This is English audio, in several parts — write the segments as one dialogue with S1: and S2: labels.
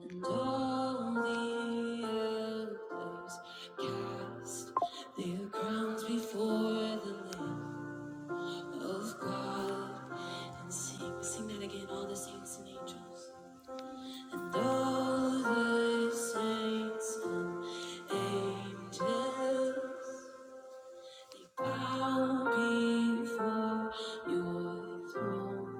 S1: And all the elders cast their crowns before the Lamb of God and sing. Sing that again, all the saints and angels. And all the saints and angels, they bow before your throne.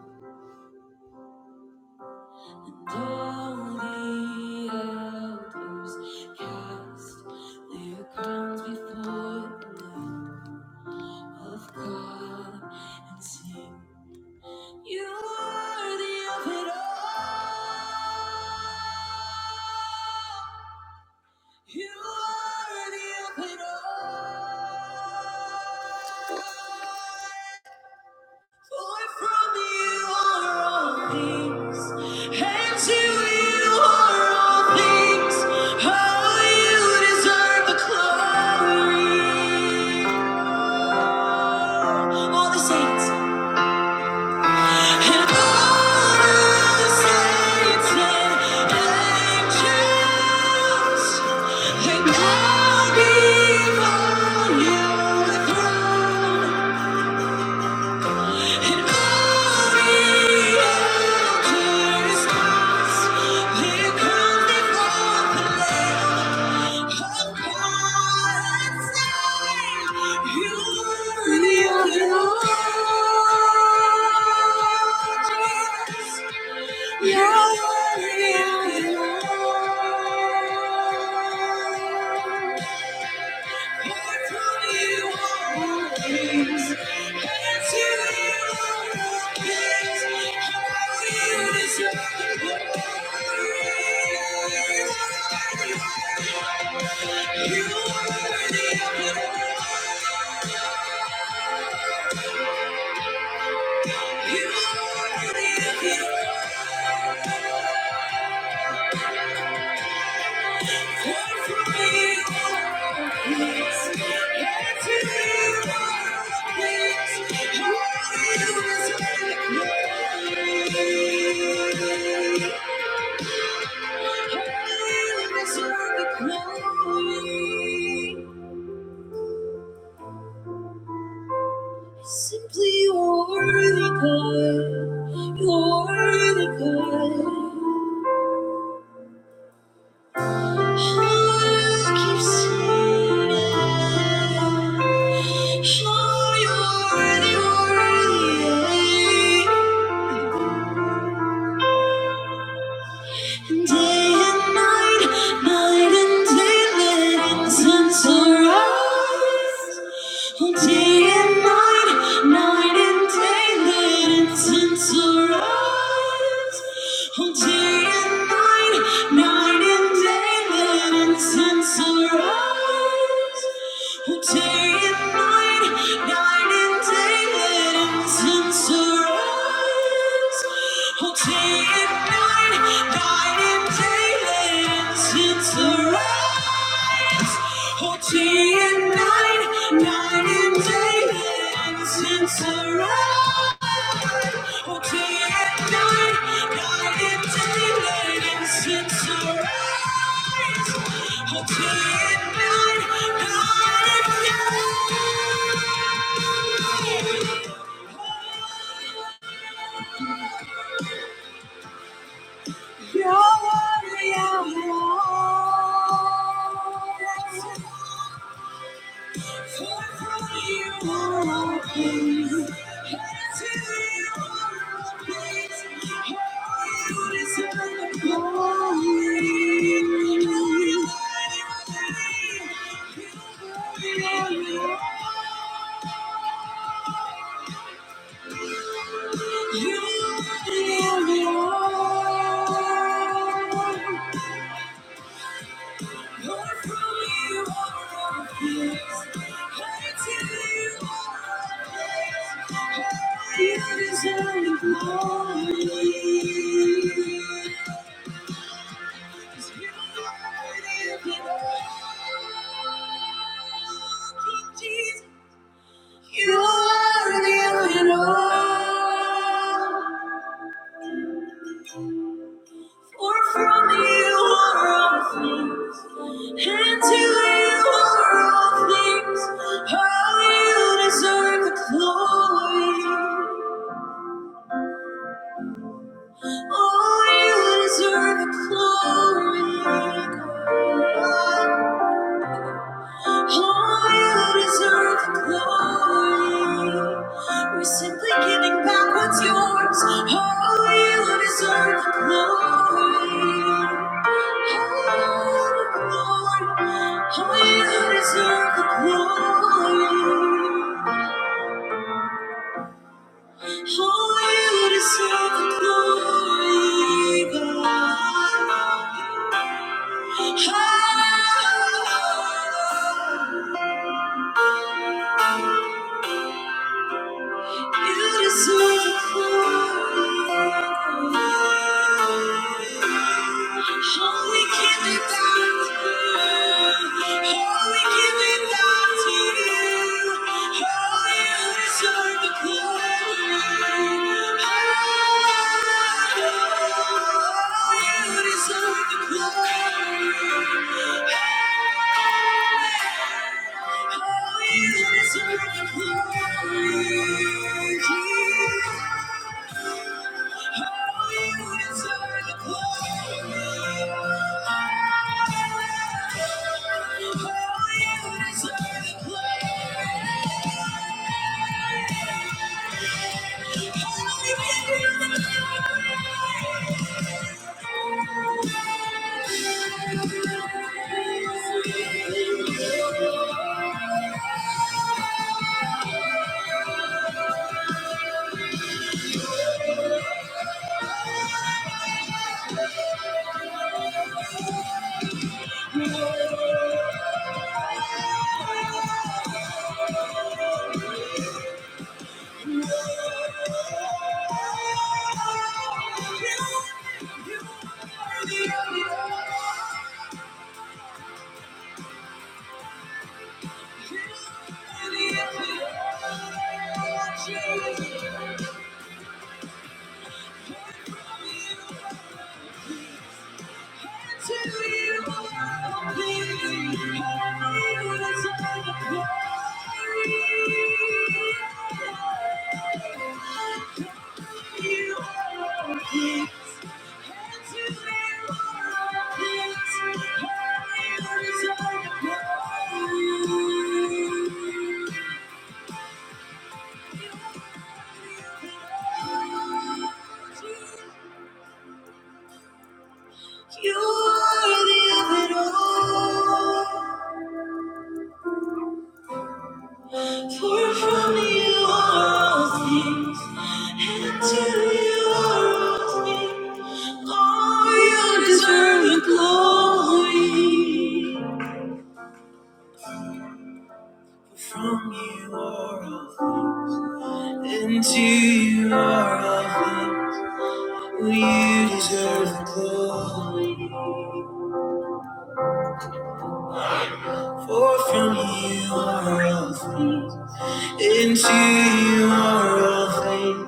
S1: All the elders cast their crowns before the Lamb of God and sing, You are the open door. You are the open door. For from you are all things, and to you are all things. Oh, you deserve the glory. All the saints and all the saints and angels, they bow before your throne. "You're Yeah. Thank you. Simply you're worthy, God. You're worthy, God. I keep singing. Oh, you're worthy, worthy. Day and night, night and day, let incense arise. Oh, day and night, night and day, let incense arise. Oh, day and night, night and day, let incense arise. Oh, day and night, night and day, let incense arise. Oh, day and night, night and day, since the rise, oh, day and night, night and day, and since the rise, oh, day and night, night and day, and since the rise, oh, day and night, night and day. You are the only one. You are the all. in all. For from you are all things, and to you are all things. How you deserve the glory. Oh, you deserve the glory. God. Oh, you deserve the glory. We're simply giving back what's yours. Oh, you deserve the glory. Oh, the glory. Oh, you deserve the glory. Oh, you deserve the glory, God. Oh, You deserve the glory. Holy, give it back to you. Holy, give it back to you. Holy, you deserve the glory. Holy, you deserve the glory. Holy, you deserve the glory. Thank you. Thank you. You are the of it all. For from you are all things, and to you are all things. All you deserve the glory. From you are all things, and to you are all things. You deserve the glory. For from you are all things, and to you are all things.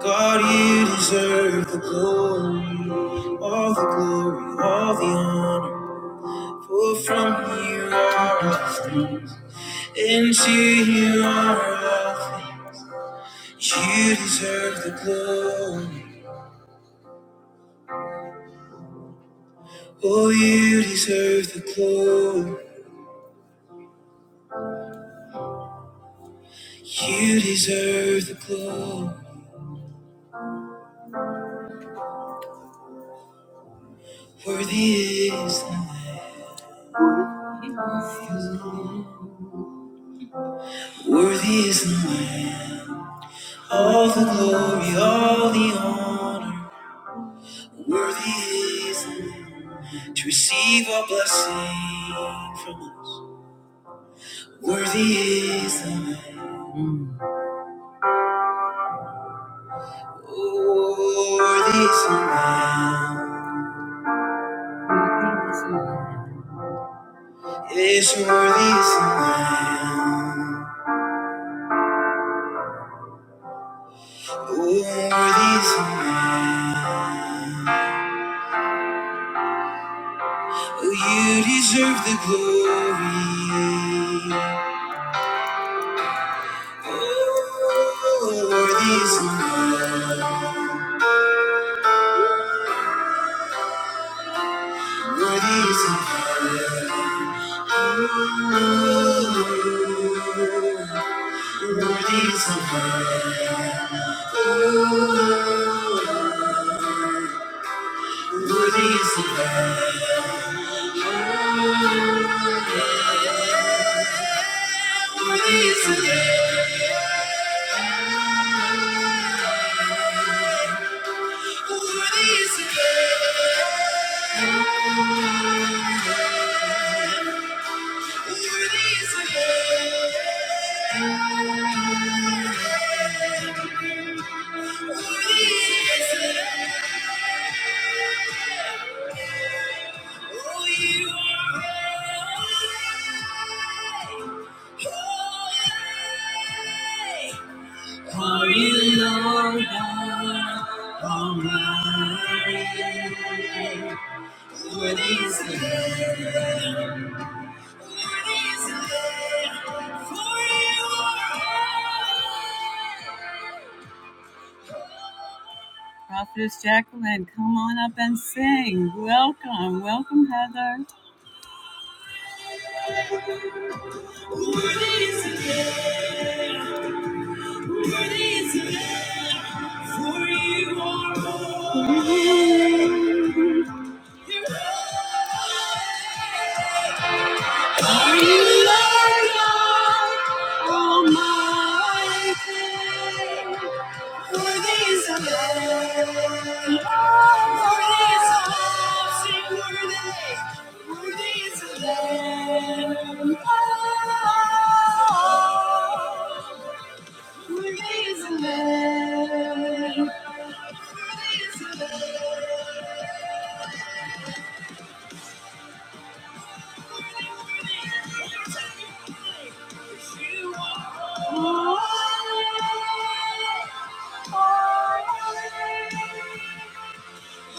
S1: God, you deserve the glory, all the glory, all the honor. For from you are all things, and to you are all things. You deserve the glory, oh, you deserve the glory, you deserve the glory. Worthy is the Lamb, worthy is the Lamb. All the glory, all the honor. Worthy is the Lamb to receive a blessing from us. Worthy is the Lamb. Oh, worthy is the Lamb. Yes, worthy is the Lamb. Oh, worthy is the Lamb. Oh, you deserve the glory. Oh, worthy is the Lamb. Worthy is the Lamb. Worthy is the Lamb. Worthy is the Lamb. Worthy is the Lamb. Worthy is the Lamb. Worthy is the Lamb. For you, Lord, God Almighty, what is Lamb? What is Lamb? For you are holy. Prophetess Jacqueline, come on up and sing. Welcome, welcome, Heather. Worthy is the Lamb, worthy is the Lamb, for you are holy. You're holy. Are you Lord God Almighty? Worthy is the Lamb. Oh, worthy is the Lamb. Say, worthy. Worthy is the Lamb. Oh, worthy is the Lamb. Worthy is the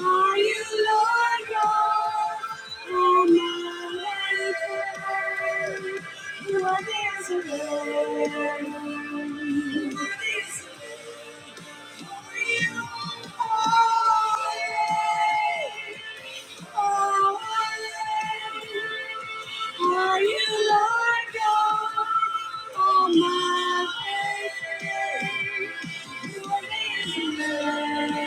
S1: Are you Lord God Almighty? What is the name? What is the name? for you are holy, holy. Are you Lord God Oh my faith, you amazing love.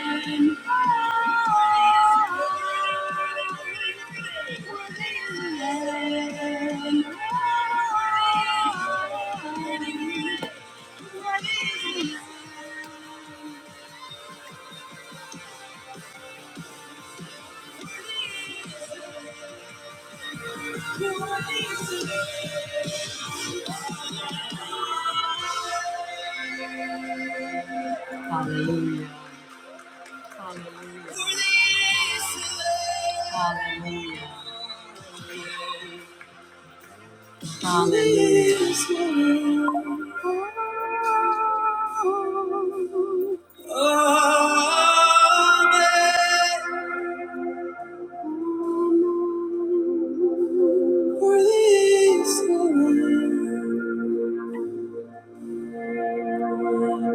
S1: Hallelujah. Hallelujah. Hallelujah. Hallelujah. Amen. Worthy is the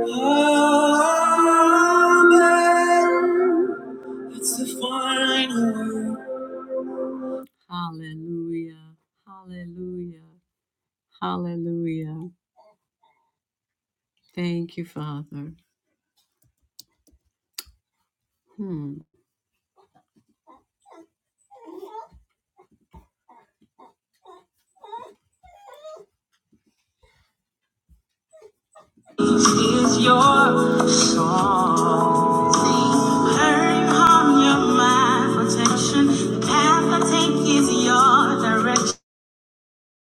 S1: Lamb. Amen. That's the final word. Hallelujah. Hallelujah. Hallelujah. Thank you, Father. Hmm. Is your song.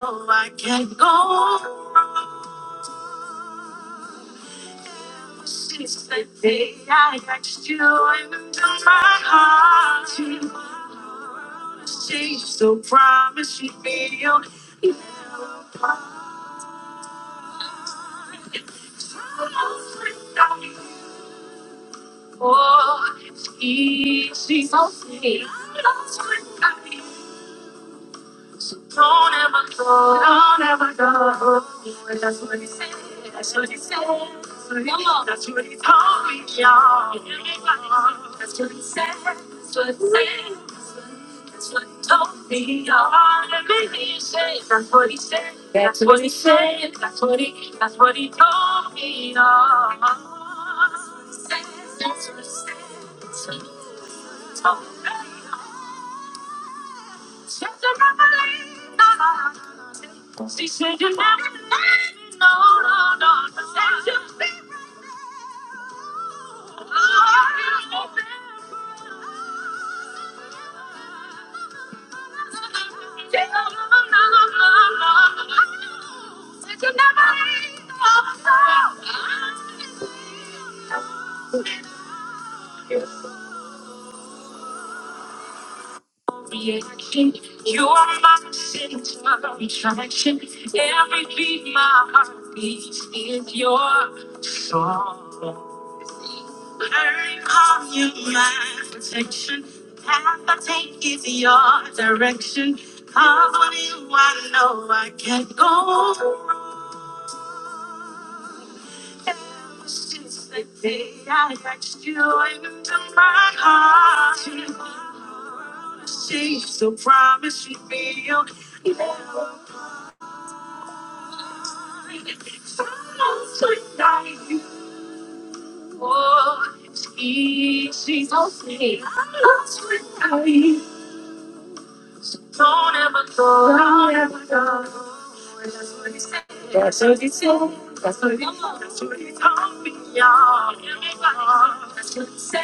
S1: Oh, I can't go since the day I asked you into my heart. You must change, so promise you be feel. Oh, it's easy. So sweet. Don't ever go, don't ever go. That's what he said. That's what he said. That's what he, Come on. that's what he told me, y'all. That's what he said. That's what he said. That's what he told me, y'all. Everything he said. That's what he said. That's what he said. That's what he. That's what he told me, y'all. That's what he said. That's what he said. Told me. Just a revelation. She said you never let me know, no, no, no. That you'll be Reaction, you are my center of attraction. Every beat my heart beats is your song. You're my protection, your direction. I want you, I know I can't go. Since the day I asked you into my heart, you're gonna see. So promise you feel Sounds without you Oh, it's easy. to see. I'm lost without you. So don't ever go. Don't ever go. That's what he said. That's what he said. That's what he That's what he told me,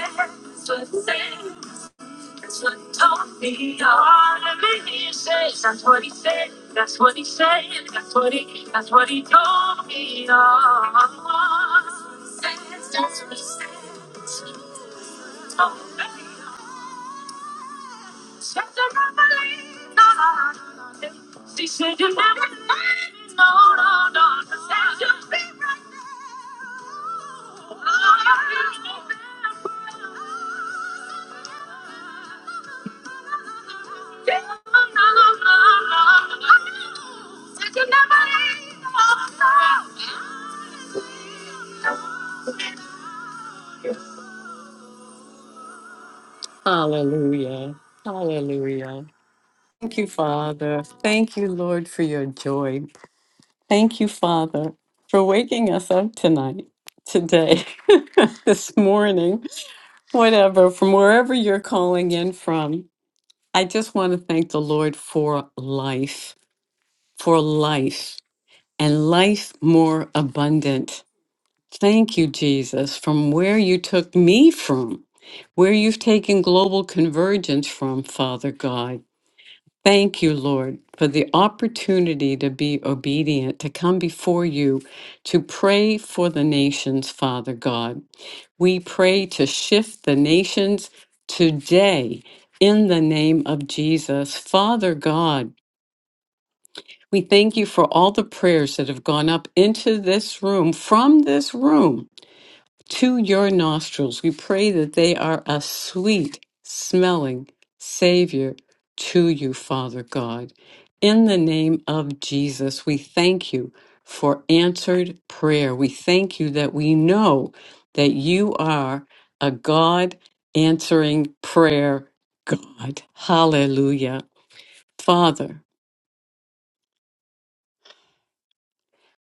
S1: you That's what he told me. All of it he says. That's what he said. That's what he said. That's what he. That's what he told me. Oh, that's what he said. Told me. Said that I believe. No, no, no, no. no. She said you never lied. No, no, no. no. Said you'll be right. No, no, no, no, no. Said you never leave. No, no. Hallelujah. Hallelujah. Thank you, Father. Thank you, Lord, for your joy. Thank you, Father, for waking us up tonight, today, this morning, whatever, from wherever you're calling in from. I just want to thank the Lord for life, for life, and life more abundant. Thank you, Jesus, from where you took me from, where you've taken global convergence from, Father God. Thank you, Lord, for the opportunity to be obedient, to come before you, to pray for the nations, Father God. We pray to shift the nations today in the name of Jesus. Father God, we thank you for all the prayers that have gone up into this room, from this room to your nostrils. We pray that they are a sweet smelling Savior to you, Father God. In the name of Jesus, we thank you for answered prayer. We thank you that we know that you are a God answering prayer God. Hallelujah. Father,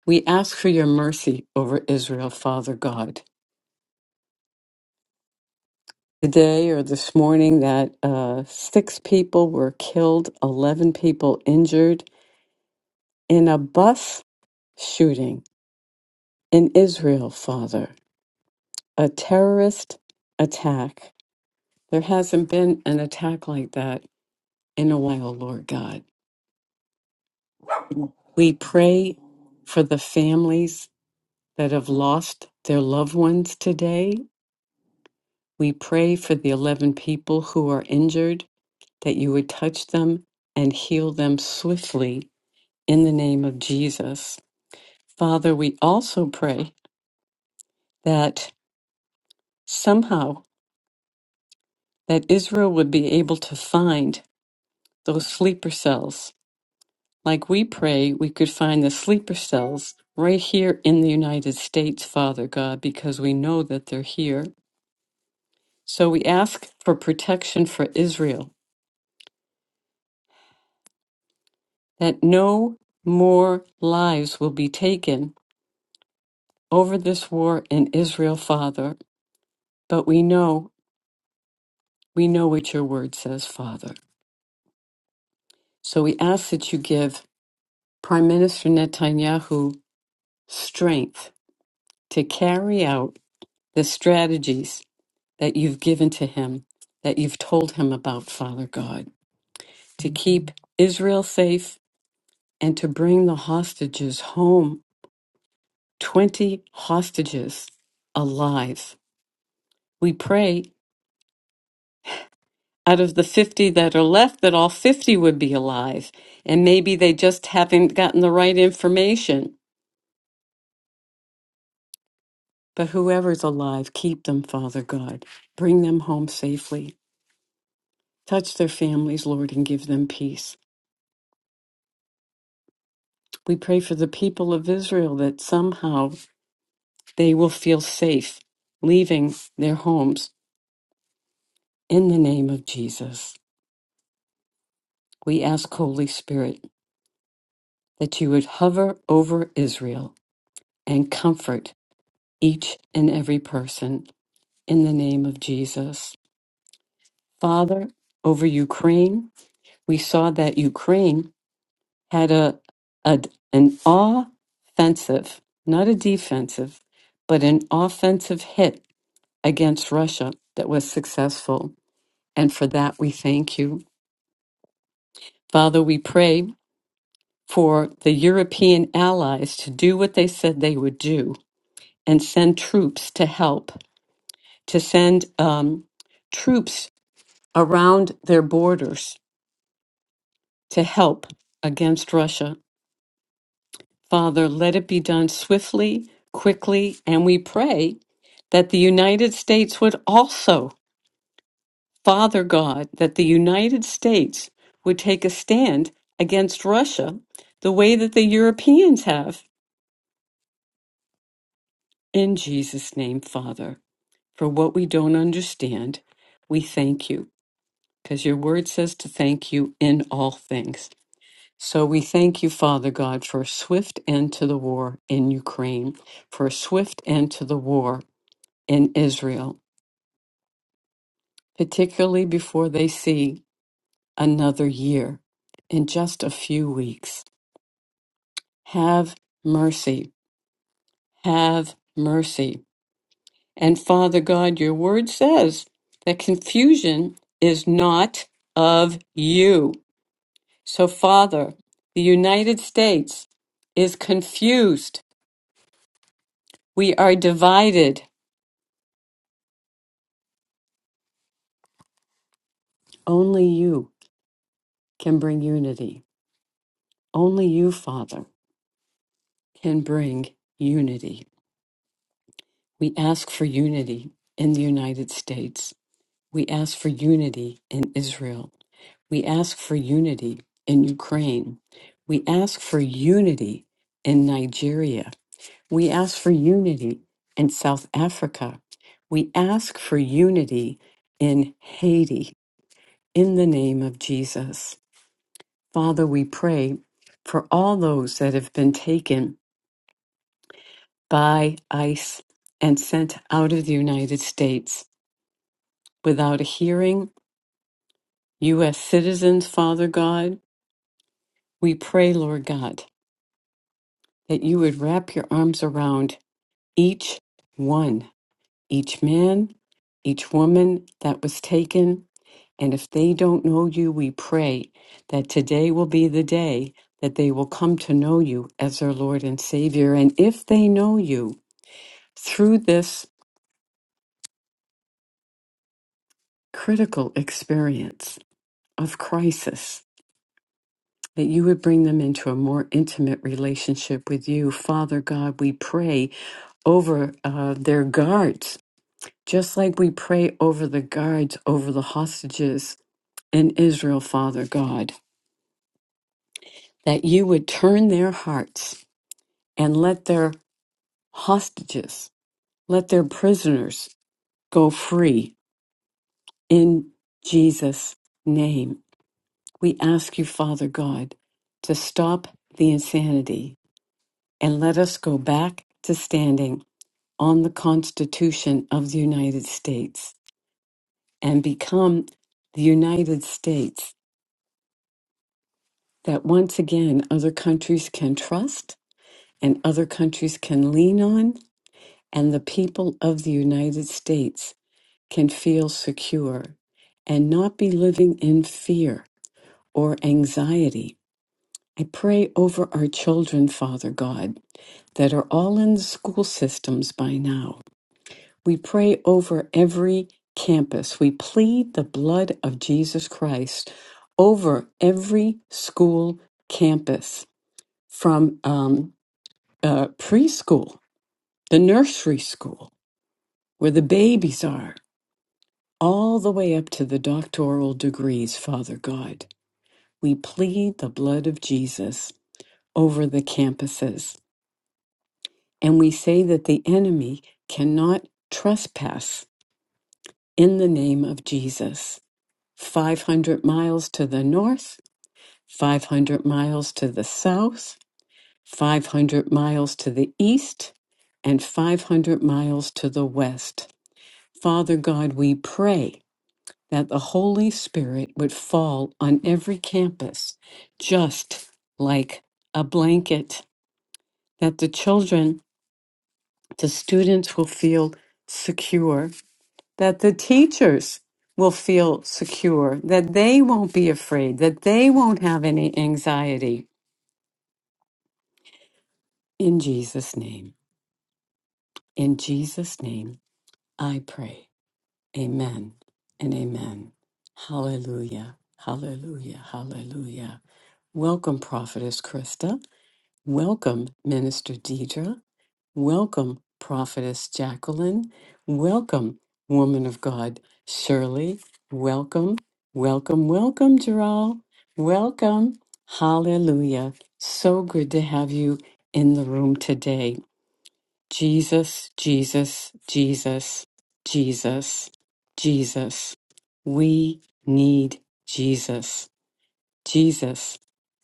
S1: we ask for your mercy over Israel, Father God. today or this morning that uh, six people were killed, 11 people injured in a bus shooting in Israel, Father. A terrorist attack. There hasn't been an attack like that in a while, Lord God. We pray for the families that have lost their loved ones today. We pray for the 11 people who are injured that you would touch them and heal them swiftly in the name of Jesus. Father, we also pray that somehow that Israel would be able to find those sleeper cells. Like we pray we could find the sleeper cells right here in the United States, Father God, because we know that they're here. So we ask for protection for Israel, that no more lives will be taken over this war in Israel, Father. But we know, we know what your word says, Father. So we ask that you give Prime Minister Netanyahu strength to carry out the strategies that you've given to him, that you've told him about, Father God, to keep Israel safe and to bring the hostages home, 20 hostages alive. We pray out of the 50 that are left that all 50 would be alive, and maybe they just haven't gotten the right information But whoever's alive, keep them, Father God. Bring them home safely. Touch their families, Lord, and give them peace. We pray for the people of Israel that somehow they will feel safe leaving their homes in the name of Jesus. We ask, Holy Spirit, that you would hover over Israel and comfort each and every person in the name of Jesus. Father, over Ukraine, we saw that Ukraine had a, a an offensive, not a defensive, but an offensive hit against Russia that was successful. And for that we thank you. Father, we pray for the European allies to do what they said they would do and send troops to help, to send um, troops around their borders to help against Russia Father, let it be done swiftly, quickly, and we pray that the United States would also, Father God, that the United States would take a stand against Russia the way that the Europeans have. In Jesus' name, Father, for what we don't understand, we thank you, because your word says to thank you in all things. So we thank you, Father God, for a swift end to the war in Ukraine, for a swift end to the war in Israel, particularly before they see another year in just a few weeks. Have mercy. Have mercy. And Father God, your word says that confusion is not of you. So, Father, the United States is confused. We are divided. Only you can bring unity. Only you, Father, can bring unity. We ask for unity in the United States. We ask for unity in Israel. We ask for unity in Ukraine. We ask for unity in Nigeria. We ask for unity in South Africa. We ask for unity in Haiti in the name of Jesus. Father, we pray for all those that have been taken by ICE and sent out of the United States. without a hearing. U.S. citizens, Father God, we pray, Lord God, that you would wrap your arms around each one, each man, each woman that was taken. And if they don't know you, we pray that today will be the day that they will come to know you as their Lord and Savior. And if they know you through this critical experience of crisis, that you would bring them into a more intimate relationship with you. Father God, we pray over uh, their guards, just like we pray over the guards, over the hostages in Israel, Father God, that you would turn their hearts and let their hostages, let their prisoners go free in Jesus' name. We ask you, Father God, to stop the insanity and let us go back to standing on the Constitution of the United States and become the United States that once again other countries can trust and other countries can lean on, and the people of the United States can feel secure and not be living in fear or anxiety. I pray over our children, Father God, that are all in the school systems by now We pray over every campus. We plead the blood of Jesus Christ over every school campus from um, uh, preschool, the nursery school, where the babies are, all the way up to the doctoral degrees, Father God. We plead the blood of Jesus over the campuses. And we say that the enemy cannot trespass in the name of Jesus. 500 miles to the north, 500 miles to the south, 500 miles to the east, and 500 miles to the west. Father God, we pray that the Holy Spirit would fall on every campus just like a blanket, that the children, the students will feel secure that the teachers will feel secure, that they won't be afraid, that they won't have any anxiety. In Jesus' name, in Jesus' name, I pray. Amen and amen. Hallelujah, hallelujah, hallelujah. Welcome, Prophetess Krista. Welcome, Minister Deidre. Welcome, Prophetess Jacqueline. Welcome, Woman of God Shirley. Welcome, welcome, welcome, Gerald. Welcome. Hallelujah. So good to have you in the room today. Jesus, Jesus, Jesus, Jesus, Jesus. We need Jesus. Jesus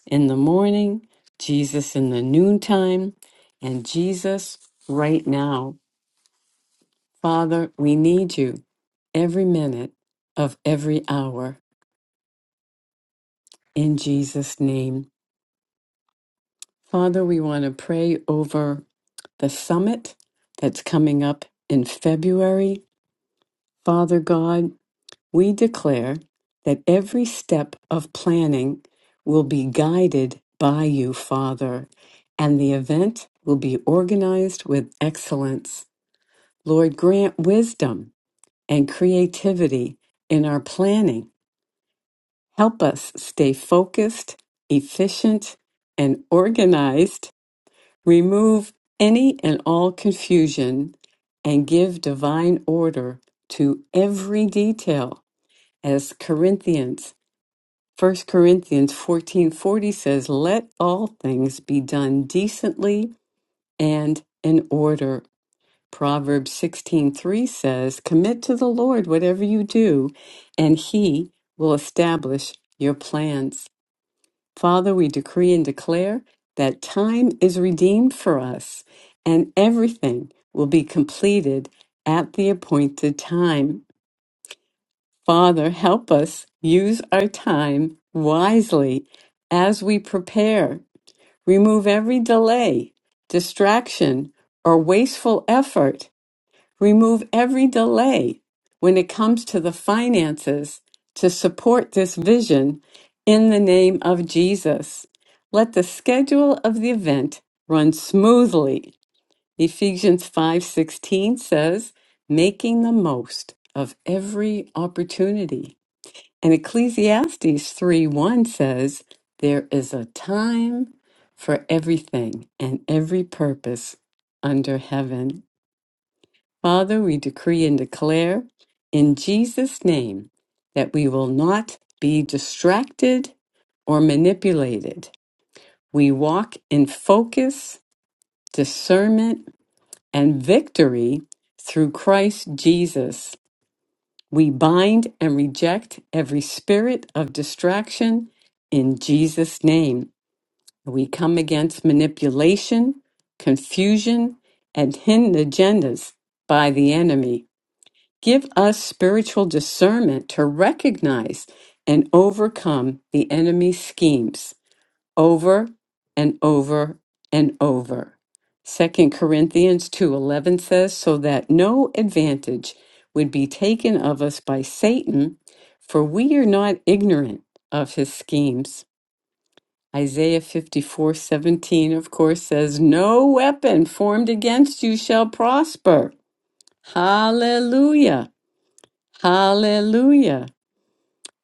S1: in the morning, Jesus in the noontime, and Jesus right now. Father, we need you every minute of every hour in Jesus' name. Father, we want to pray over the summit that's coming up in February. Father God, we declare that every step of planning will be guided by you, Father, and the event will be organized with excellence. Lord, grant wisdom and creativity in our planning Help us stay focused, efficient, and organized, remove any and all confusion, and give divine order to every detail. As Corinthians, First Corinthians 14:40 says, "Let all things be done decently and in order." Proverbs 16:3 says, "Commit to the Lord whatever you do, and he will establish your plans." Father, we decree and declare that time is redeemed for us and everything will be completed at the appointed time. Father, help us use our time wisely as we prepare. Remove every delay, distraction, or wasteful effort Remove every delay when it comes to the finances to support this vision in the name of Jesus. Let the schedule of the event run smoothly. Ephesians 5:16 says, making the most of every opportunity. And Ecclesiastes three one says, there is a time for everything and every purpose under heaven. Father, we decree and declare in Jesus' name that we will not be distracted or manipulated. We walk in focus, discernment, and victory through Christ Jesus. We bind and reject every spirit of distraction in Jesus' name. We come against manipulation, confusion, and hidden agendas by the enemy. Give us spiritual discernment to recognize and overcome the enemy's schemes over and over and over. Second Corinthians 2:11 says so that no advantage would be taken of us by Satan for we are not ignorant of his schemes. Isaiah 54:17 of course says no weapon formed against you shall prosper. Hallelujah. Hallelujah.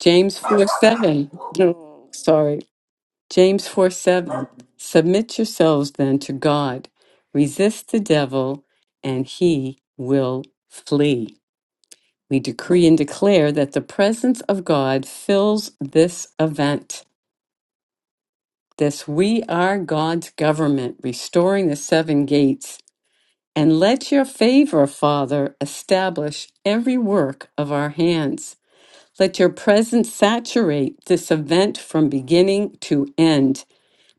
S1: James 4 7. No, sorry. James 4 7. Submit yourselves then to God. Resist the devil, and he will flee. We decree and declare that the presence of God fills this event. This we are God's government, restoring the seven gates. And let your favor, Father, establish every work of our hands. Let your presence saturate this event from beginning to end.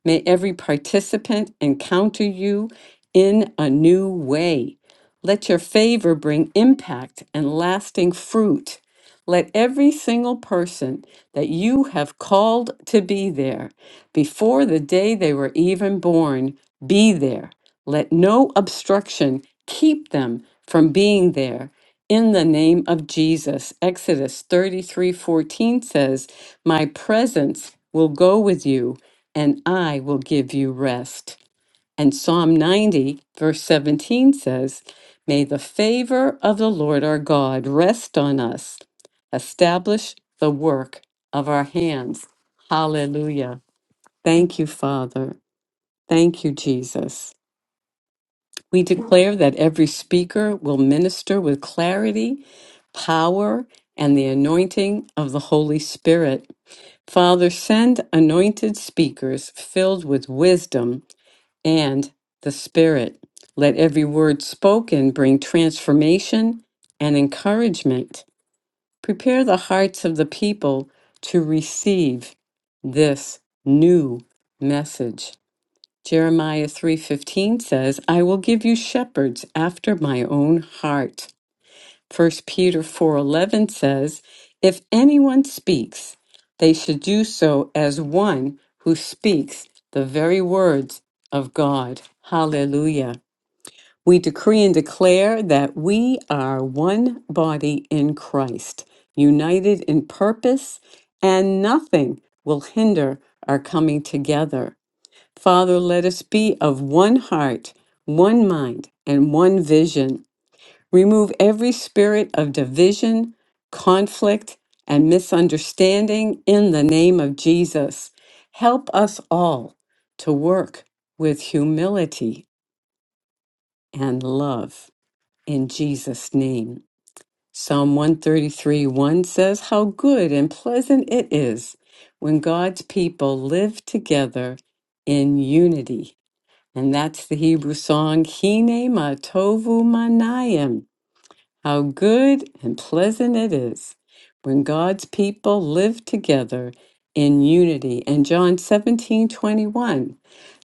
S1: May every participant encounter you in a new way. Let your favor bring impact and lasting fruit. Let every single person that you have called to be there before the day they were even born be there. Let no obstruction keep them from being there. In the name of Jesus, Exodus 33 14 says, My presence will go with you and I will give you rest. And Psalm 90, verse 17 says, May the favor of the Lord our God rest on us, establish the work of our hands. Hallelujah. Thank you, Father. Thank you, Jesus. We declare that every speaker will minister with clarity, power, and the anointing of the Holy Spirit. Father, send anointed speakers filled with wisdom and the Spirit. Let every word spoken bring transformation and encouragement. Prepare the hearts of the people to receive this new message. Jeremiah 3:15 says, "I will give you shepherds after my own heart." First Peter 4:11 says, "If anyone speaks, they should do so as one who speaks the very words of God." Hallelujah. We decree and declare that we are one body in Christ, united in purpose, and nothing will hinder our coming together. Father, let us be of one heart, one mind, and one vision Remove every spirit of division, conflict, and misunderstanding in the name of Jesus. Help us all to work with humility and love in Jesus' name. Psalm 133 1 says, How good and pleasant it is when God's people live together in unity. And that's the Hebrew song, Hine Matovu Manayim. How good and pleasant it is when God's people live together in unity. And John 17 21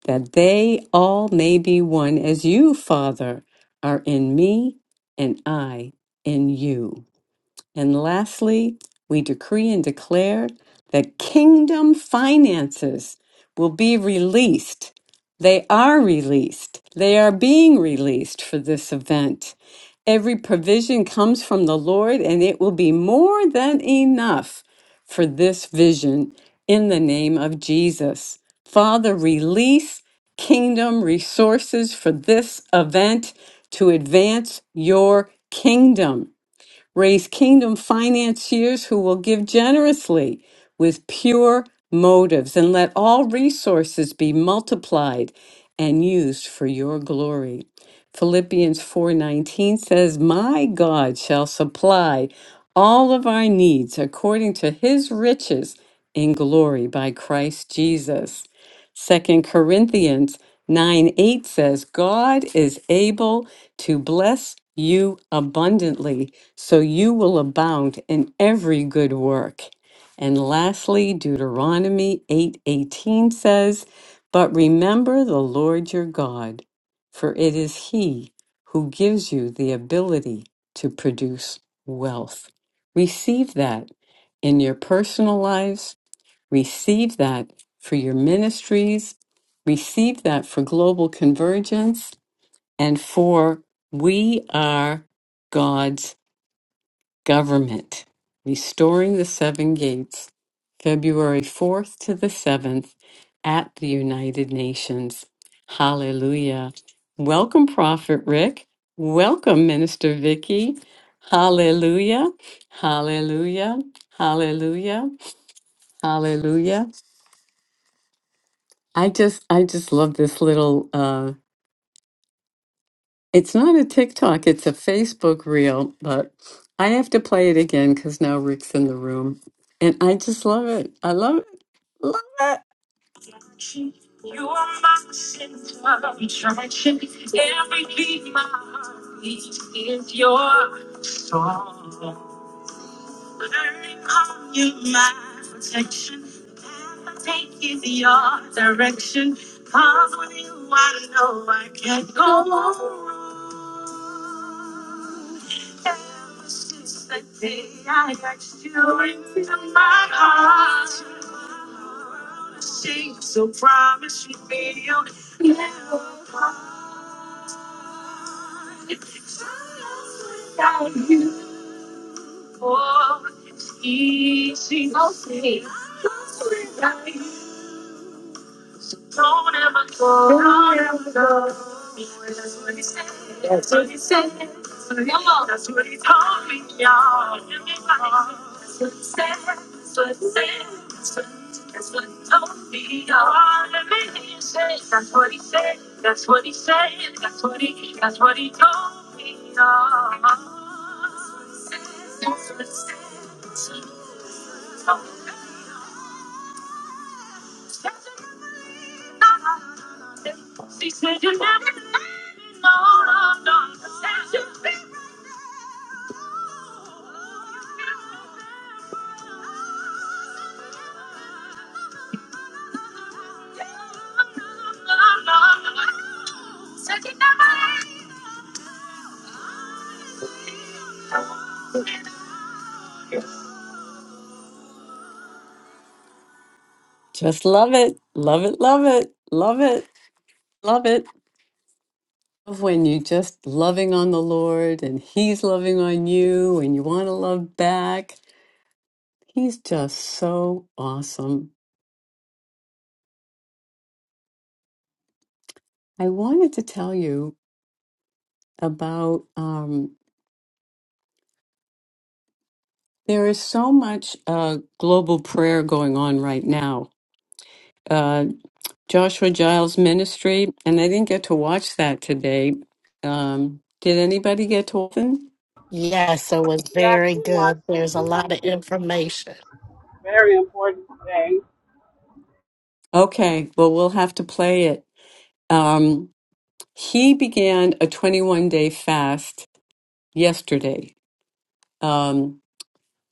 S1: that they all may be one as you, Father, are in me and I in you. And lastly, we decree and declare that kingdom finances will be released. They are released. They are being released for this event. Every provision comes from the Lord, and it will be more than enough for this vision in the name of Jesus. Father, release kingdom resources for this event to advance your kingdom. Raise kingdom financiers who will give generously with pure motives, and let all resources be multiplied and used for your glory. Philippians 4:19 says, "My God shall supply all of our needs according to his riches in glory by Christ Jesus." Second Corinthians 9 8 says, God is able to bless you abundantly, so you will abound in every good work. And lastly, Deuteronomy eight eighteen says, But remember the Lord your God, for it is He who gives you the ability to produce wealth. Receive that in your personal lives Receive that for your ministries. Receive that for global convergence and for we are God's government. Restoring the Seven Gates, February 4th to the 7th at the United Nations. Hallelujah. Welcome, Prophet Rick. Welcome, Minister Vicky. Hallelujah. Hallelujah. Hallelujah. Hallelujah. I just I just love this little uh it's not a TikTok, it's a Facebook reel, but I have to play it again because now Rick's in the room. And I just love it. I love it. Love it. You are my center of attraction. Every beat my heart beats is your song. Learning on you, my protection. The path I take is your direction. Cause with you, I know I can't go wrong. Ever since the day I asked you into my heart, you're a so promise you feel. Without you, for easy. Okay. Don't ever go. Don't ever go. That's what he said. That's what he said. Come on. That's what he told me, y'all. That's what he said. That's what he said. That's what that's what he told me, y'all. That's what he said. That's what he said. That's what he. That's what he told me, y'all. That's what he said. That's what he said. That's what he told me. She said you never let me know. No, no, no. Said you be no, no, no. Said you never let me Just love it. Love it. Love it. Love it. Love it. when you just loving on the Lord and He's loving on you and you want to love back. He's just so awesome. I wanted to tell you about um, there is so much uh, global prayer going on right now. Uh, Joshua Giles Ministry, and I didn't get to watch that today. Um, did anybody get to watch it?
S2: Yes, it was
S3: Yes,
S2: very
S3: we
S2: good.
S3: watched it.
S2: There's a lot of
S3: Mhm.
S2: information.
S3: Very important thing.
S1: Okay, well, we'll have to play it. Um, he began a 21 day fast yesterday. Um,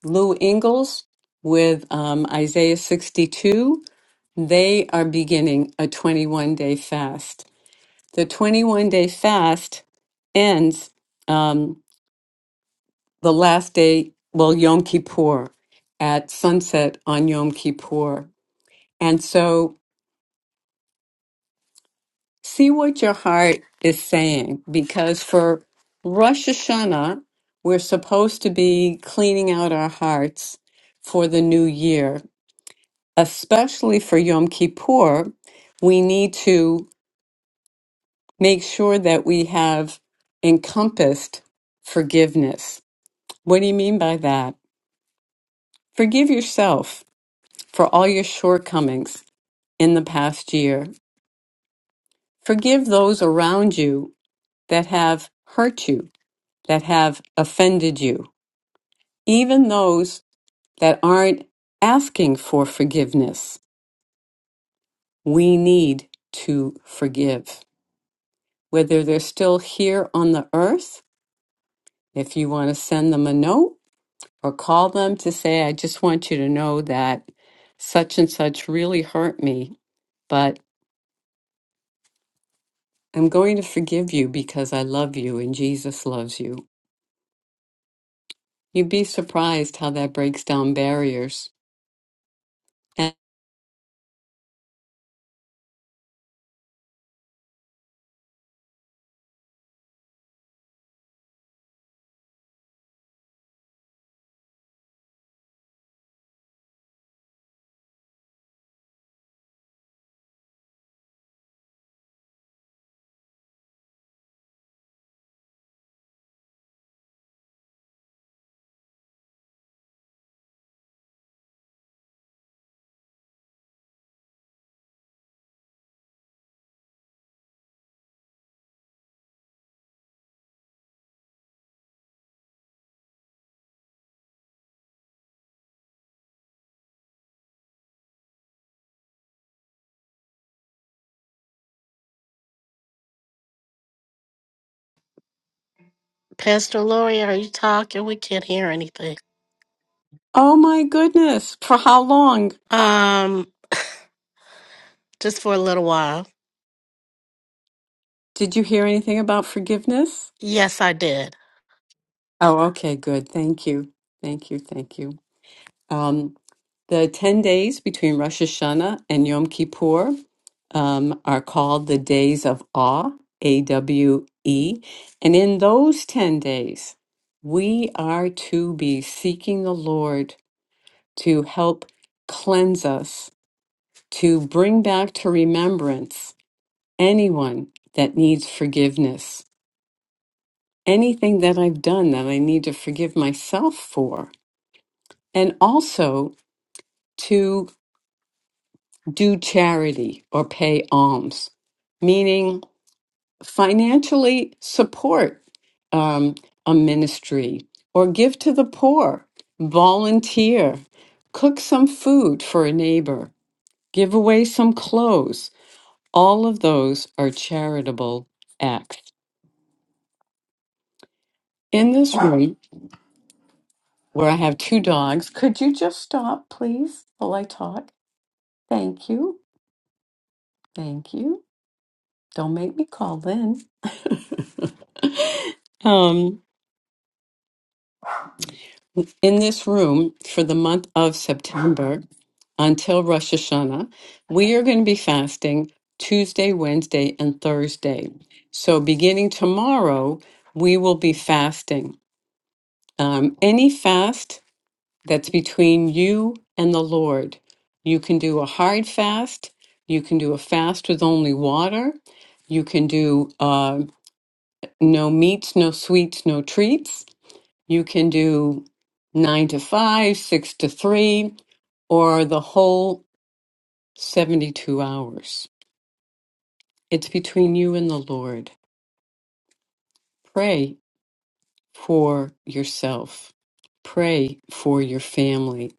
S1: Lou Ingalls with um, Isaiah 62, they are beginning a 21 day fast. The 21 day fast ends um, the last day, well, Yom Kippur, at sunset on Yom Kippur. And so see what your heart is saying because for Rosh Hashanah, we're supposed to be cleaning out our hearts for the new year especially for Yom Kippur, we need to make sure that we have encompassed forgiveness. What do you mean by that? Forgive yourself for all your shortcomings in the past year. Forgive those around you that have hurt you, that have offended you, even those that aren't asking for forgiveness. We need to forgive, whether they're still here on the earth If you want to send them a note or call them to say, I just want you to know that such and such really hurt me, but I'm going to forgive you because I love you and Jesus loves you. You'd be surprised how that breaks down barriers. And
S2: Pastor Lori, are you talking? We can't hear anything.
S1: oh my goodness, for how long?
S2: Um, just for a little while.
S1: Did you hear anything about forgiveness?
S2: Yes, I did.
S1: Oh, okay, good. Thank you. Thank you. Thank you. Um, the 10 days between Rosh Hashanah and Yom Kippur um, are called the Days of Awe, A W E. And in those 10 days, we are to be seeking the Lord to help cleanse us, to bring back to remembrance anyone that needs forgiveness, anything that I've done that I need to forgive myself for, and also to do charity or pay alms, meaning financially support um, a ministry or give to the poor, volunteer, cook some food for a neighbor, give away some clothes. All of those are charitable acts. In this room where I have two dogs, could you just stop, please, while I talk? Thank you. Thank you. Don't make me call then. um, in this room for the month of September until Rosh Hashanah, we are going to be fasting Tuesday, Wednesday, and Thursday. So beginning tomorrow, we will be fasting. Um, any fast that's between you and the Lord. You can do a hard fast. You can do a fast with only water. You can do uh, no meats, no sweets, no treats. You can do nine to five, six to three, or the whole 72 hours. It's between you and the Lord. Pray for yourself, pray for your family,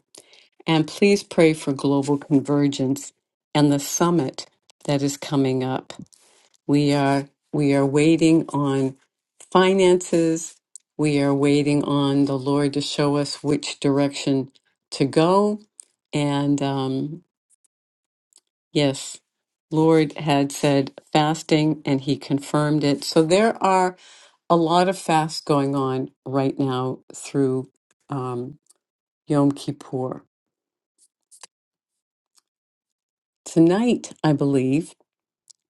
S1: and please pray for global convergence and the summit that is coming up. We are we are waiting on finances. We are waiting on the Lord to show us which direction to go. And um, yes, Lord had said fasting, and He confirmed it. So there are a lot of fasts going on right now through um, Yom Kippur. Tonight, I believe,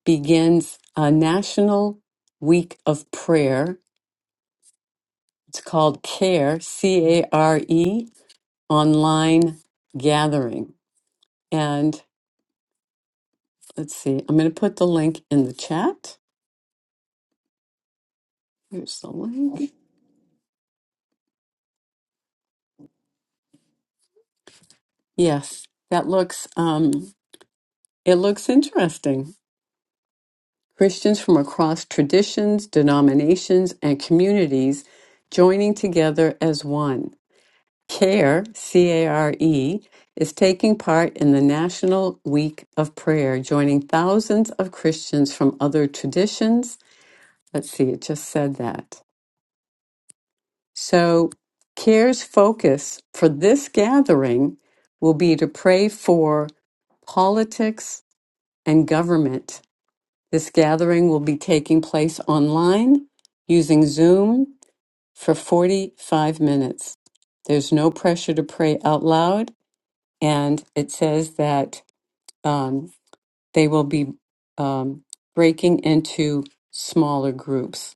S1: begins a national week of prayer It's called CARE, C A R E, online gathering. And let's see, I'm going to put the link in the chat. Here's the link. Yes, that looks um it looks interesting. Christians from across traditions, denominations, and communities joining together as one. CARE, C A R E, is taking part in the National Week of Prayer, joining thousands of Christians from other traditions Let's see, it just said that. So, CARE's focus for this gathering will be to pray for politics and government. This gathering will be taking place online using Zoom for 45 minutes. There's no pressure to pray out loud, and it says that um, they will be um, breaking into smaller groups.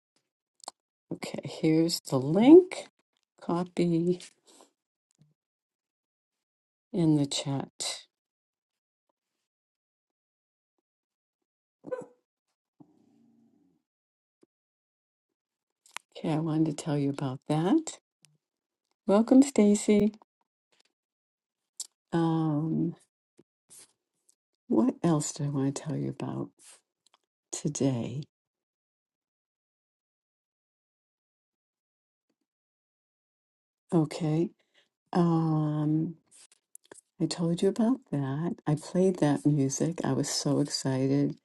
S1: Okay, here's the link. Copy. in the chat. Okay, I wanted to tell you about that. Welcome, Stacy. Um, what else do I want to tell you about today? Okay. Um, I told you about that. I played that music. I was so excited.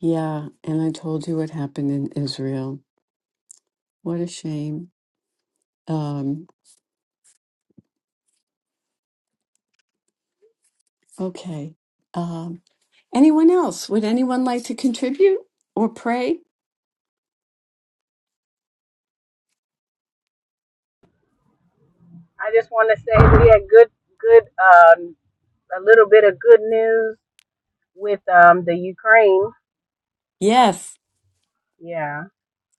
S1: Yeah, and I told you what happened in Israel. What a shame. Um, okay. Um, anyone else? Would anyone like to contribute or pray?
S3: I just want to say we had good, good, um, a little bit of good news with um the Ukraine.
S1: Yes.
S3: Yeah.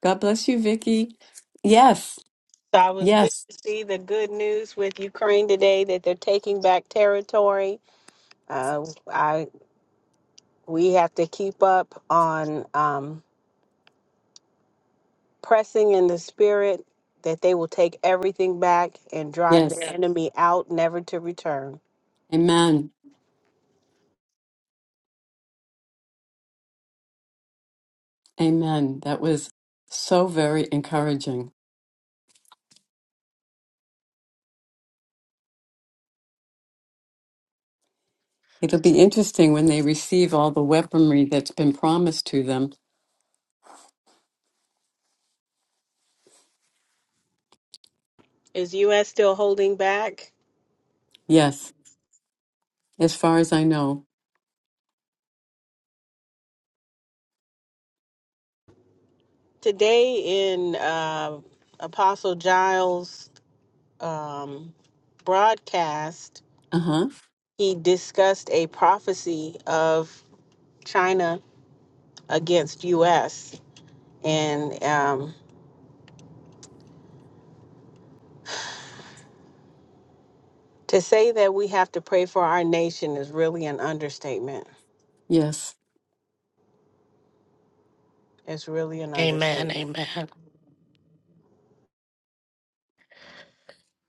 S1: God bless you, Vicky. Yes.
S3: So I was good
S1: Yes,
S3: to see the good news with Ukraine today that they're taking back territory. Uh, I we have to keep up on um, pressing in the spirit that they will take everything back and drive the Yes.
S1: yes.
S3: enemy out, never to return.
S1: Amen. Amen. That was so very encouraging. It'll be interesting when they receive all the weaponry that's been promised to them.
S3: Is U.S. still holding back?
S1: Yes, as far as I know.
S3: Today in uh, Apostle Giles' um, broadcast,
S1: Uh huh.
S3: he discussed a prophecy of China against U.S. And um, to say that we have to pray for our nation is really an understatement.
S1: Yes.
S3: It's really an
S2: Amen,
S3: understatement.
S2: amen.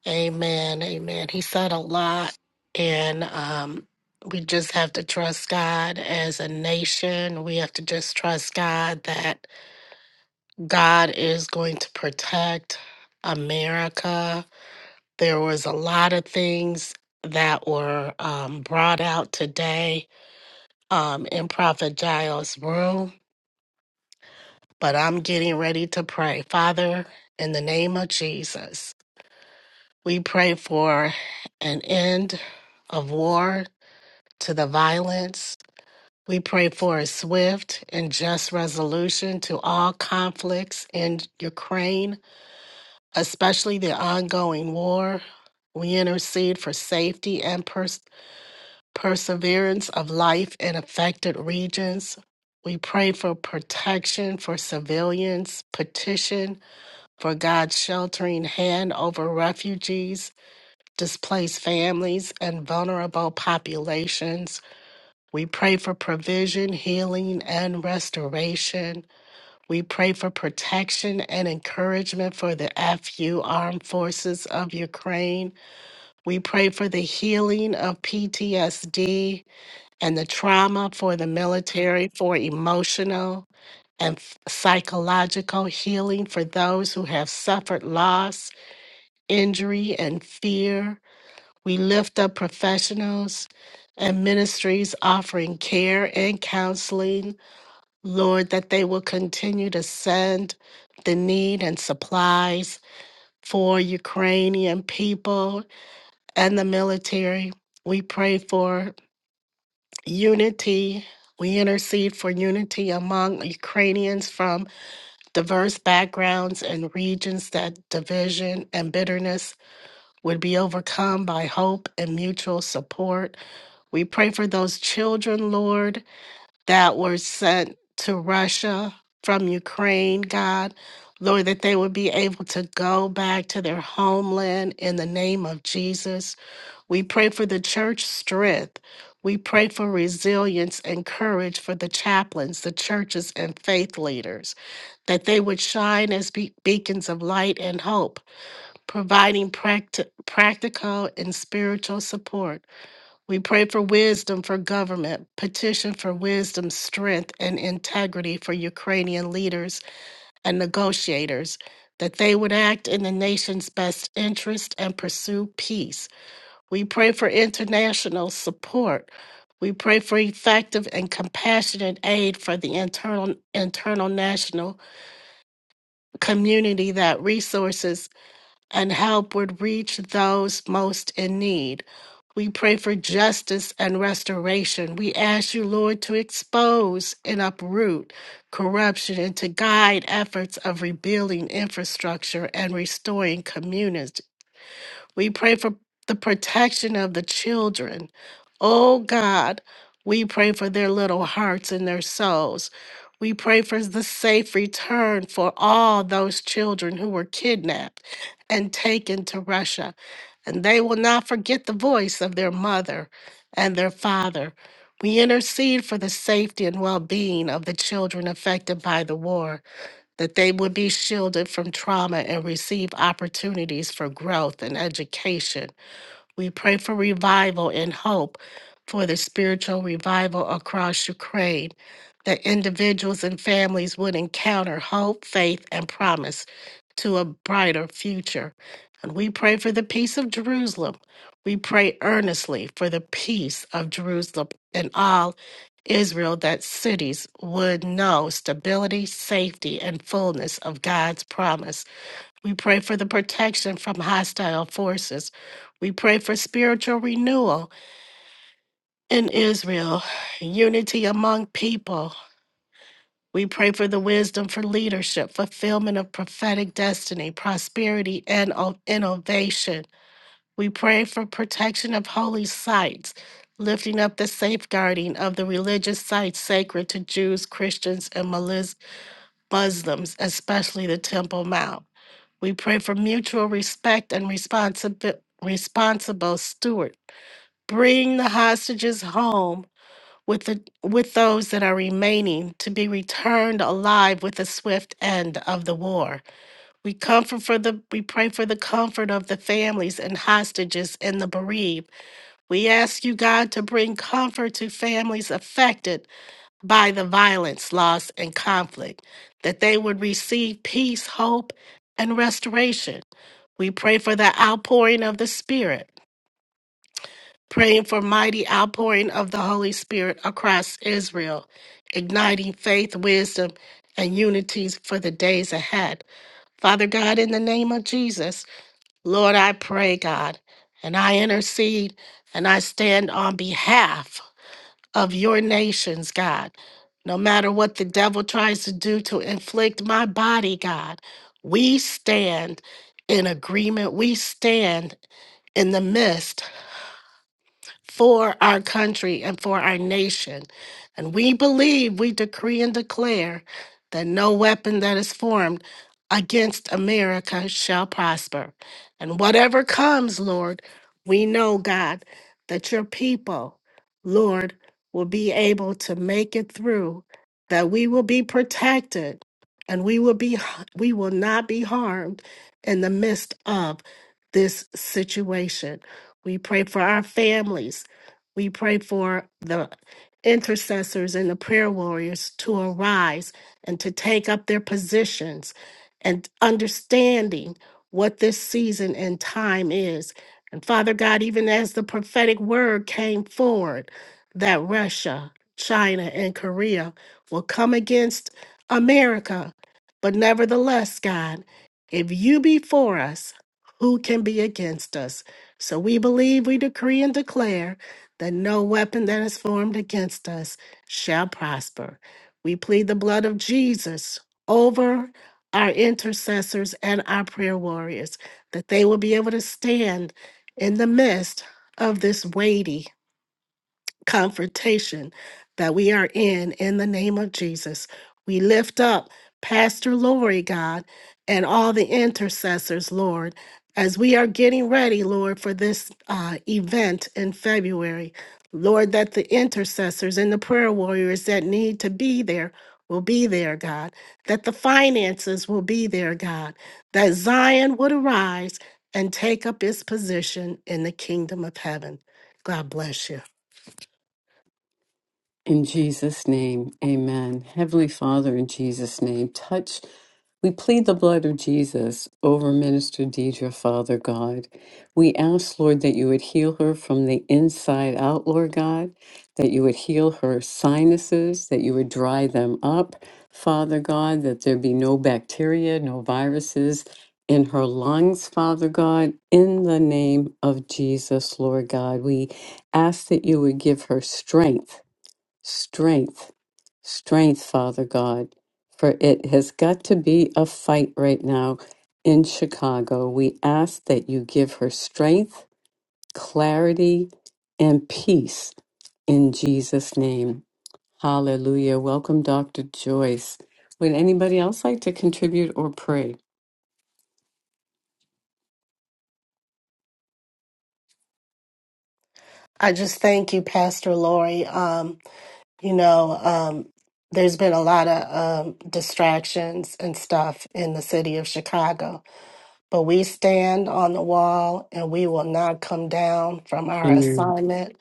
S2: Amen, amen. He said a lot and um we just have to trust God as a nation. We have to just trust God that God is going to protect America. There was a lot of things that were um, brought out today um, in Prophet Giles' room, but I'm getting ready to pray. Father, in the name of Jesus, we pray for an end of war to the violence. We pray for a swift and just resolution to all conflicts in Ukraine, especially the ongoing war. We intercede for safety and perseverance of life in affected regions. We pray for protection for civilians, petition for God's sheltering hand over refugees, displaced families, and vulnerable populations. We pray for provision, healing, and restoration. We pray for protection and encouragement for the FU Armed Forces of Ukraine. We pray for the healing of PTSD and the trauma for the military for emotional and f- psychological healing for those who have suffered loss, injury, and fear. We lift up professionals and ministries offering care and counseling, Lord, that they will continue to send the need and supplies for Ukrainian people and the military. We pray for unity. We intercede for unity among Ukrainians from diverse backgrounds and regions that division and bitterness would be overcome by hope and mutual support. We pray for those children, Lord, that were sent to Russia from Ukraine, God. Lord, that they would be able to go back to their homeland in the name of Jesus. We pray for the church strength. We pray for resilience and courage for the chaplains, the churches, and faith leaders, that they would shine as be- beacons of light and hope, providing practi- practical and spiritual support. We pray for wisdom for government, petition for wisdom, strength, and integrity for Ukrainian leaders and negotiators, that they would act in the nation's best interest and pursue peace. We pray for international support. We pray for effective and compassionate aid for the internal internal national community that resources and help would reach those most in need. We pray for justice and restoration. We ask you, Lord, to expose and uproot corruption and to guide efforts of rebuilding infrastructure and restoring communities we pray for the protection of the children. Oh God, we pray for their little hearts and their souls. We pray for the safe return for all those children who were kidnapped and taken to Russia. And they will not forget the voice of their mother and their father. We intercede for the safety and well being of the children affected by the war that they would be shielded from trauma and receive opportunities for growth and education we pray for revival and hope for the spiritual revival across Ukraine, that individuals and families would encounter hope, faith, and promise to a brighter future. And we pray for the peace of Jerusalem. We pray earnestly for the peace of Jerusalem and all Israel that cities would know stability, safety, and fullness of God's promise. We pray for the protection from hostile forces. We pray for spiritual renewal in Israel, unity among people. We pray for the wisdom for leadership, fulfillment of prophetic destiny, prosperity, and o- innovation. We pray for protection of holy sites, lifting up the safeguarding of the religious sites sacred to Jews, Christians, and Malis- Muslims, especially the Temple Mount. We pray for mutual respect and responsibi- responsible steward. Bring the hostages home with the with those that are remaining to be returned alive with the swift end of the war. We comfort for the we pray for the comfort of the families and hostages and the bereaved. We ask you, God, to bring comfort to families affected by the violence, loss, and conflict, that they would receive peace, hope, and restoration. We pray for the outpouring of the Spirit, praying for mighty outpouring of the Holy Spirit across Israel, igniting faith, wisdom, and unities for the days ahead. Father God, in the name of Jesus, Lord, I pray, God, and I intercede and I stand on behalf of your nations, God. No matter what the devil tries to do to inflict my body, God, we stand in agreement. We stand in the midst for our country and for our nation. And we believe, we decree and declare that no weapon that is formed against America shall prosper. And whatever comes, Lord, we know, God, that your people, Lord, will be able to make it through, that we will be protected and we will be we will not be harmed in the midst of this situation. We pray for our families. We pray for the intercessors and the prayer warriors to arise and to take up their positions and understanding what this season and time is. And Father God, even as the prophetic word came forward that Russia, China, and Korea will come against America. But nevertheless, God, if you be for us, who can be against us? So we believe, we decree, and declare that no weapon that is formed against us shall prosper. We plead the blood of Jesus over our intercessors and our prayer warriors, that they will be able to stand in the midst of this weighty confrontation that we are in in the name of Jesus. We lift up Pastor Lori, God, and all the intercessors, Lord, as we are getting ready, Lord, for this uh, event in February. Lord, that the intercessors and the prayer warriors that need to be there will be there, God, that the finances will be there, God, that Zion would arise and take up its position in the kingdom of heaven. God bless you.
S1: In Jesus' name, amen. Heavenly Father, in Jesus' name, touch. We plead the blood of Jesus over Minister Deidre, Father God. We ask, Lord, that you would heal her from the inside out, Lord God, that you would heal her sinuses, that you would dry them up, Father God, that there be no bacteria, no viruses in her lungs, Father God, in the name of Jesus, Lord God. We ask that you would give her strength Strength, strength, Father God, for it has got to be a fight right now in Chicago. We ask that you give her strength, clarity, and peace in Jesus' name. Hallelujah. Welcome, Dr. Joyce. Would anybody else like to contribute or pray?
S2: I just thank you, Pastor Lori. Um, you know, um, there's been a lot of um, distractions and stuff in the city of Chicago, but we stand on the wall and we will not come down from our
S1: Amen.
S2: assignment.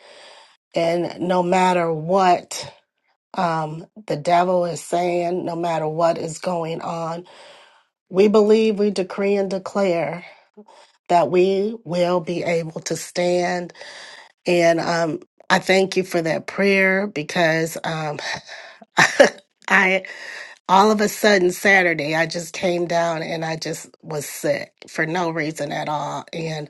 S2: And no matter what um, the devil is saying, no matter what is going on, we believe, we decree, and declare that we will be able to stand And um, I thank you for that prayer because um, I all of a sudden Saturday I just came down and I just was sick for no reason at all. And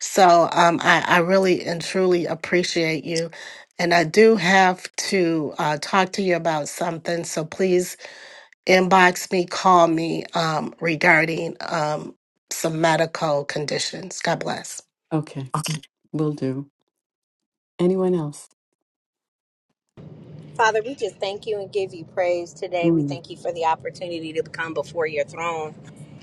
S2: so um, I, I really and truly appreciate you. And I do have to uh, talk to you about something. So please inbox me, call me um, regarding um, some medical conditions. God bless.
S1: Okay,
S2: Okay.
S1: will do. Anyone else?
S4: Father, we just thank you and give you praise today. We
S1: Mm,
S4: thank you for the opportunity to come before your throne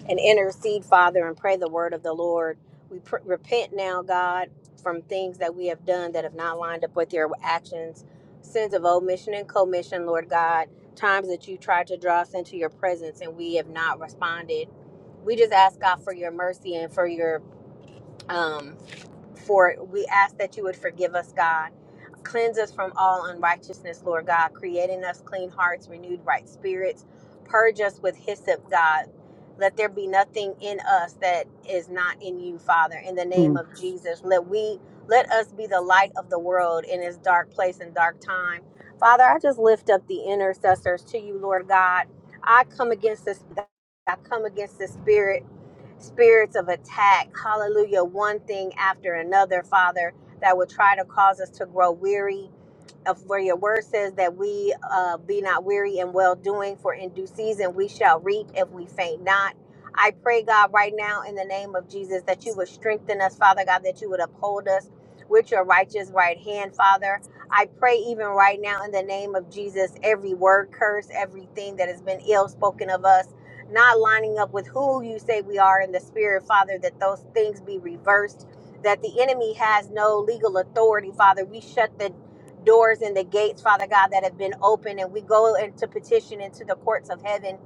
S4: and intercede, Father, and pray the word of the Lord. We pr- repent now, God, from things that we have done that have not lined up with your actions, sins of omission and commission, Lord God, times that you tried to draw us into your presence and we have not responded. We just ask God for your mercy and for your um for we ask that you would forgive us, God. Cleanse us from all unrighteousness, Lord God, creating us clean hearts, renewed right spirits. Purge us with hyssop, God. Let there be nothing in us that is not in you, Father. In the name
S1: mm.
S4: of Jesus, let we let us be the light of the world in this dark place and dark time. Father, I just lift up the intercessors to you, Lord God. I come against this. I come against the spirit spirits of attack, hallelujah, one thing after another, Father, that would try to cause us to grow weary, of where your word says that we uh, be not weary in well doing, for in due season we shall reap if we faint not. I pray, God, right now in the name of Jesus, that you would strengthen us, Father God, that you would uphold us with your righteous right hand, Father. I pray even right now in the name of Jesus, every word curse, everything that has been ill spoken of us, not lining up with who you say we are in the spirit, Father, that those things be reversed that the enemy has no legal authority, Father. We shut the doors and the gates, Father God, that have been opened. And we go into petition into the courts of heaven.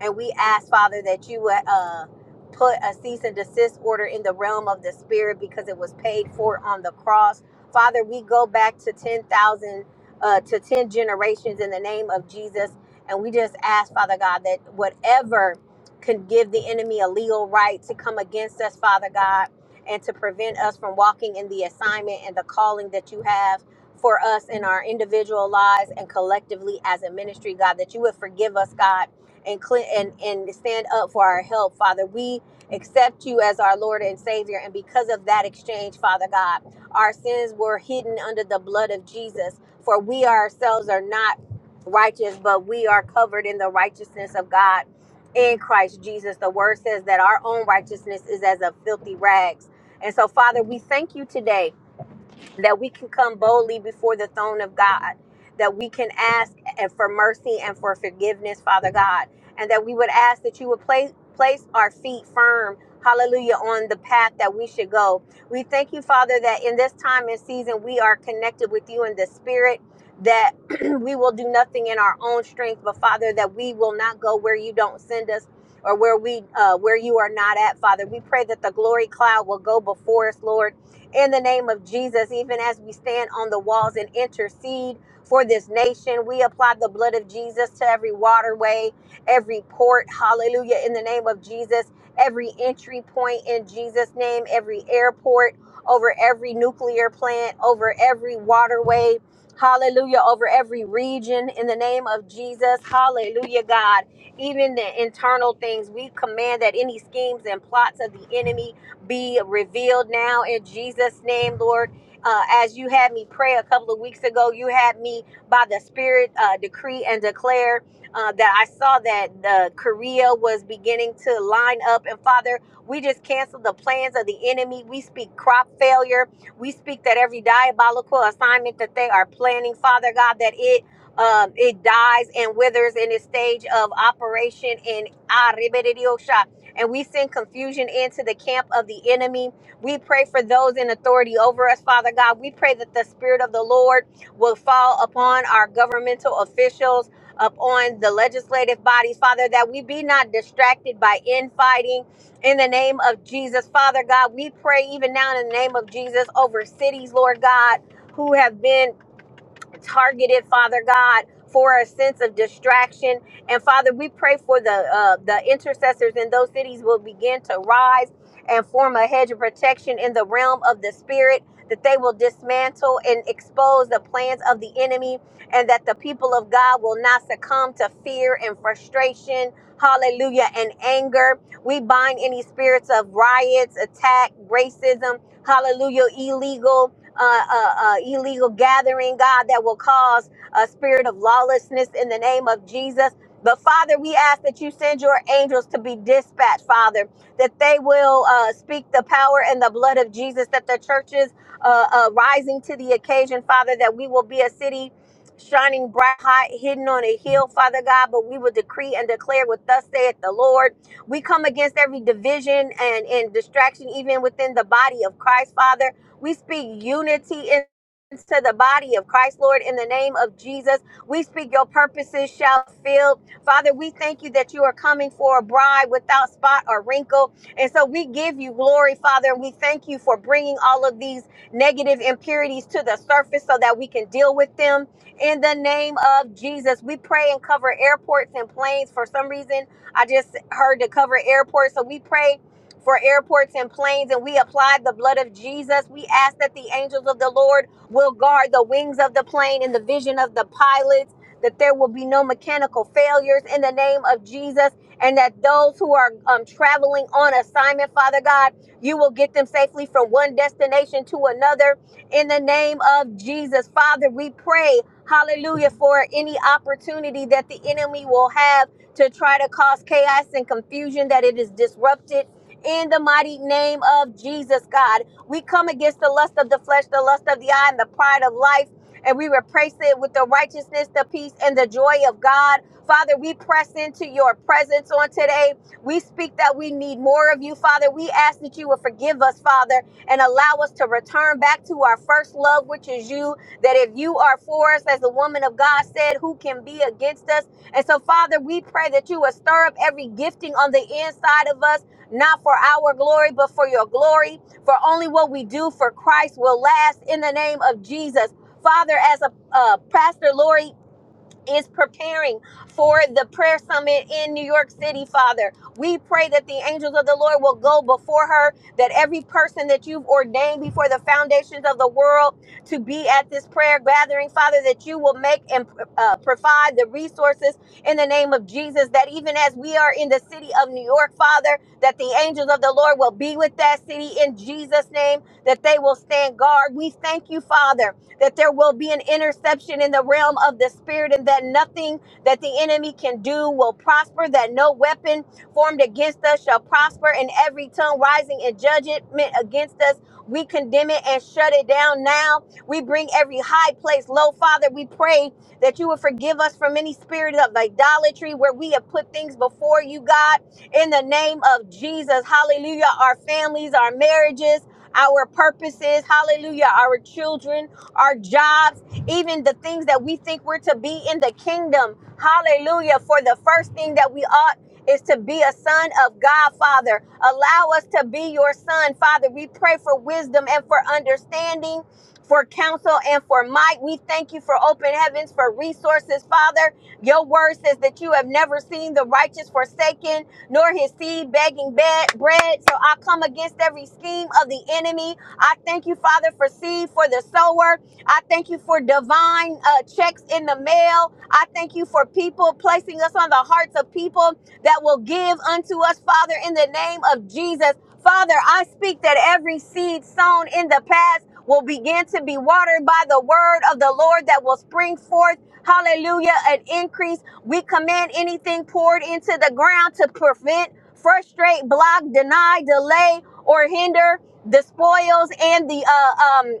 S4: And we ask, Father, that you would uh, put a cease and desist order in the realm of the spirit because it was paid for on the cross. Father, we go back to 10,000 uh, to 10 generations in the name of Jesus. And we just ask, Father God, that whatever could give the enemy a legal right to come against us, Father God, and to prevent us from walking in the assignment and the calling that you have for us in our individual lives and collectively as a ministry, God, that you would forgive us, God, and cle- and and stand up for our help, Father. We accept you as our Lord and Savior, and because of that exchange, Father God, our sins were hidden under the blood of Jesus. For we ourselves are not righteous, but we are covered in the righteousness of God in Christ Jesus. The word says that our own righteousness is as a filthy rags. And so, Father, we thank you today that we can come boldly before the throne of God, that we can ask and for mercy and for forgiveness, Father God, and that we would ask that you would place place our feet firm, hallelujah, on the path that we should go. We thank you, Father, that in this time and season we are connected with you in the spirit. That we will do nothing in our own strength, but Father, that we will not go where you don't send us or where we uh, where you are not at, Father. We pray that the glory cloud will go before us, Lord in the name of Jesus, even as we stand on the walls and intercede for this nation. We apply the blood of Jesus to every waterway, every port, hallelujah, in the name of Jesus, every entry point in Jesus' name, every airport, over every nuclear plant, over every waterway. Hallelujah, over every region in the name of Jesus. Hallelujah, God. Even the internal things, we command that any schemes and plots of the enemy be revealed now in Jesus' name, Lord. Uh, as you had me pray a couple of weeks ago, you had me by the Spirit uh, decree and declare uh, that I saw that uh, Korea was beginning to line up. And Father, we just cancel the plans of the enemy. We speak crop failure. We speak that every diabolical assignment that they are planning, Father God, that it um, it dies and withers in its stage of operation in and we send confusion into the camp of the enemy. We pray for those in authority over us, Father God. We pray that the Spirit of the Lord will fall upon our governmental officials, upon the legislative bodies, Father, that we be not distracted by infighting in the name of Jesus. Father God, we pray even now in the name of Jesus over cities, Lord God, who have been targeted, Father God, for a sense of distraction. And Father, we pray for the uh, the intercessors in those cities will begin to rise and form a hedge of protection in the realm of the spirit. That they will dismantle and expose the plans of the enemy, and that the people of God will not succumb to fear and frustration, hallelujah, and anger. We bind any spirits of riots, attack, racism, hallelujah, illegal, uh, uh, uh, illegal gathering, God, that will cause a spirit of lawlessness in the name of Jesus. But Father, we ask that you send your angels to be dispatched, Father, that they will uh, speak the power and the blood of Jesus, that the churches uh, uh, rising to the occasion, Father, that we will be a city shining bright, hot, hidden on a hill, Father God. But we will decree and declare with thus saith the Lord. We come against every division and, and distraction, even within the body of Christ, Father. We speak unity in- into the body of Christ, Lord, in the name of Jesus. We speak your purposes shall fill. Father, we thank you that you are coming for a bride without spot or wrinkle. And so we give you glory, Father, and we thank you for bringing all of these negative impurities to the surface so that we can deal with them. In the name of Jesus, we pray and cover airports and planes. For some reason, I just heard to cover airports. So we pray for airports and planes, and we apply the blood of Jesus. We ask that the angels of the Lord will guard the wings of the plane and the vision of the pilots, that there will be no mechanical failures in the name of Jesus, and that those who are um, traveling on assignment, Father God, you will get them safely from one destination to another in the name of Jesus. Father, we pray. Hallelujah for any opportunity that the enemy will have to try to cause chaos and confusion, that it is disrupted in the mighty name of Jesus, God. We come against the lust of the flesh, the lust of the eye, and the pride of life, and we replace it with the righteousness, the peace, and the joy of God. Father, we press into your presence on today. We speak that we need more of you, Father. We ask that you will forgive us, Father, and allow us to return back to our first love, which is you. That if you are for us, as the woman of God said, who can be against us? And so, Father, we pray that you will stir up every gifting on the inside of us not for our glory, but for your glory. For only what we do for Christ will last in the name of Jesus. Father, as a uh, pastor, Lori is preparing for the prayer summit in New York City, Father. We pray that the angels of the Lord will go before her, that every person that you've ordained before the foundations of the world to be at this prayer gathering, Father, that you will make and uh, provide the resources in the name of Jesus, that even as we are in the city of New York, Father, that the angels of the Lord will be with that city in Jesus' name, that they will stand guard. We thank you, Father that there will be an interception in the realm of the spirit and that nothing that the enemy can do will prosper, that no weapon formed against us shall prosper, and every tongue rising in judgment against us, we condemn it and shut it down now. We bring every high place low. Father, we pray that you would forgive us from any spirit of idolatry where we have put things before you, God, in the name of Jesus. Hallelujah. Our families, our marriages, our purposes, hallelujah, our children our jobs, even the things that we think we're to be in the kingdom. Hallelujah. For the first thing that we ought is to be a son of God, Father. Allow us to be your son, Father. We pray for wisdom and for understanding, for counsel and for might. We thank you for open heavens, for resources, Father. Your word says that you have never seen the righteous forsaken, nor his seed begging be- bread. So I come against every scheme of the enemy. I thank you, Father, for seed for the sower. I thank you for divine uh, checks in the mail. I thank you for people placing us on the hearts of people that will give unto us, Father, in the name of Jesus. Father, I speak that every seed sown in the past will begin to be watered by the word of the Lord that will spring forth. Hallelujah, an increase. We command anything poured into the ground to prevent frustrate, block, deny, delay, or hinder the spoils and the uh, um,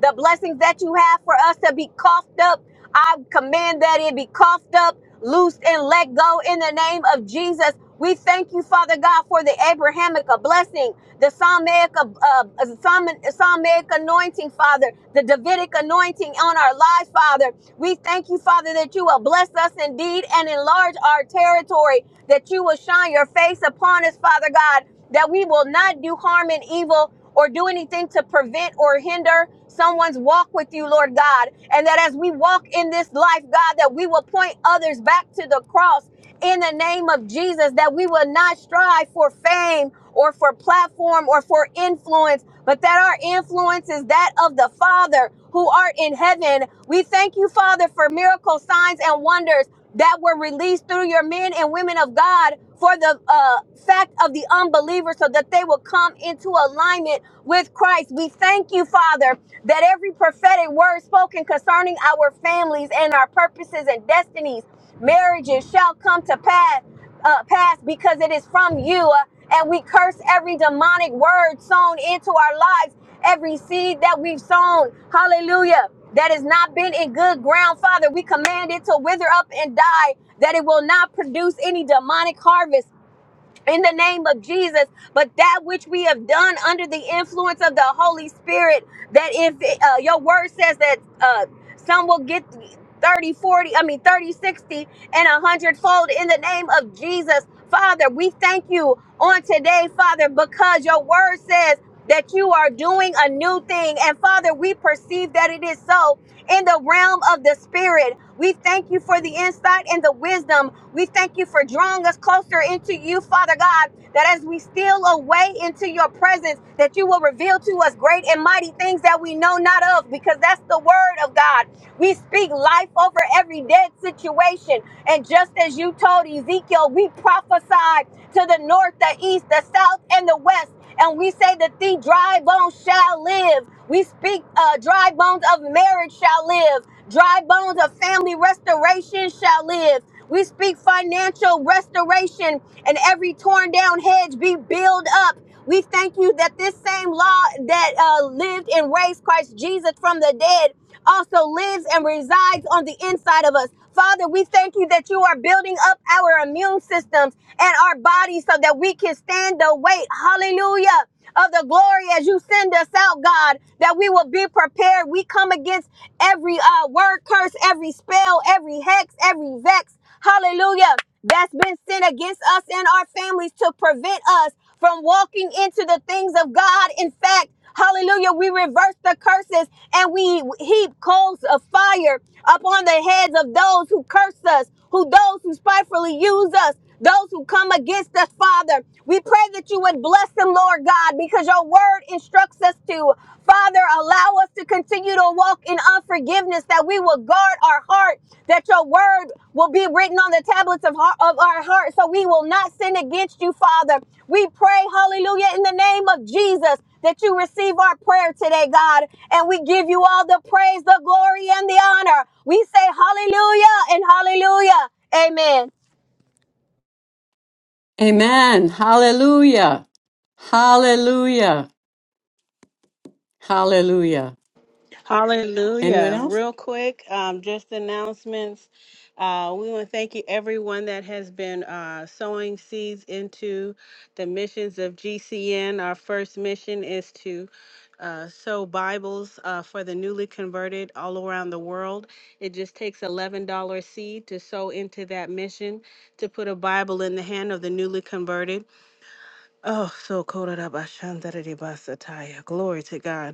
S4: the blessings that you have for us to be coughed up I command that it be coughed up, loosed, and let go in the name of Jesus. We thank you, Father God, for the Abrahamic blessing, the Psalmic, uh, uh, Psalm- Psalmic anointing, Father, the Davidic anointing on our lives, Father. We thank you, Father, that you will bless us indeed and enlarge our territory, that you will shine your face upon us, Father God, that we will not do harm and evil or do anything to prevent or hinder someone's walk with you, Lord God. And that as we walk in this life, God, that we will point others back to the cross in the name of Jesus, that we will not strive for fame or for platform or for influence, but that our influence is that of the Father who art in heaven. We thank you, Father, for miracle signs and wonders that were released through your men and women of God for the uh, fact of the unbeliever so that they will come into alignment with Christ. We thank you, Father, that every prophetic word spoken concerning our families and our purposes and destinies, marriages shall come to pass, uh, pass because it is from you. Uh, and we curse every demonic word sown into our lives, every seed that we've sown. Hallelujah. That has not been in good ground, Father. We command it to wither up and die that it will not produce any demonic harvest in the name of Jesus, but that which we have done under the influence of the Holy Spirit, that if uh, your word says that uh, some will get thirty, forty, I mean 30, 60, and a hundredfold in the name of Jesus. Father, we thank you on today, Father, because your word says that you are doing a new thing. And Father, we perceive that it is so in the realm of the spirit. We thank you for the insight and the wisdom we thank you for drawing us closer into you, Father God, that as we steal away into your presence, that you will reveal to us great and mighty things that we know not of, because that's the word of God. We speak life over every dead situation. And just as you told Ezekiel, we prophesied to the north, the east, the south, and the west. And we say that the dry bones shall live. We speak uh, dry bones of marriage shall live. Dry bones of family restoration shall live. We speak financial restoration and every torn down hedge be built up. We thank you that this same law that uh, lived and raised Christ Jesus from the dead also lives and resides on the inside of us. Father, we thank you that you are building up our immune systems and our bodies so that we can stand the weight. Hallelujah. Of the glory as you send us out, God, that we will be prepared. We come against every uh, word curse, every spell, every hex, every vex hallelujah, that's been sent against us and our families to prevent us from walking into the things of God. In fact, hallelujah, we reverse the curses and we heap coals of fire upon the heads of those who curse us, who those who spitefully use us. Those who come against us, Father, we pray that you would bless them, Lord God, because your word instructs us to, Father, allow us to continue to walk in unforgiveness, that we will guard our heart, that your word will be written on the tablets of, heart, of our heart, so we will not sin against you, Father. We pray, hallelujah, in the name of Jesus, that you receive our prayer today, God, and we give you all the praise, the glory, and the honor. We say hallelujah and hallelujah. Amen.
S1: Amen. Hallelujah. Hallelujah. Hallelujah. Anyone
S3: Hallelujah.
S1: else?
S3: Real quick, um, just announcements. Uh, we want to thank you, everyone that has been uh, sowing seeds into the missions of GCN. Our first mission is to uh, sow Bibles uh, for the newly converted all around the world. It just takes $11 seed to sow into that mission to put a Bible in the hand of the newly converted. Oh, so cool. Glory to God.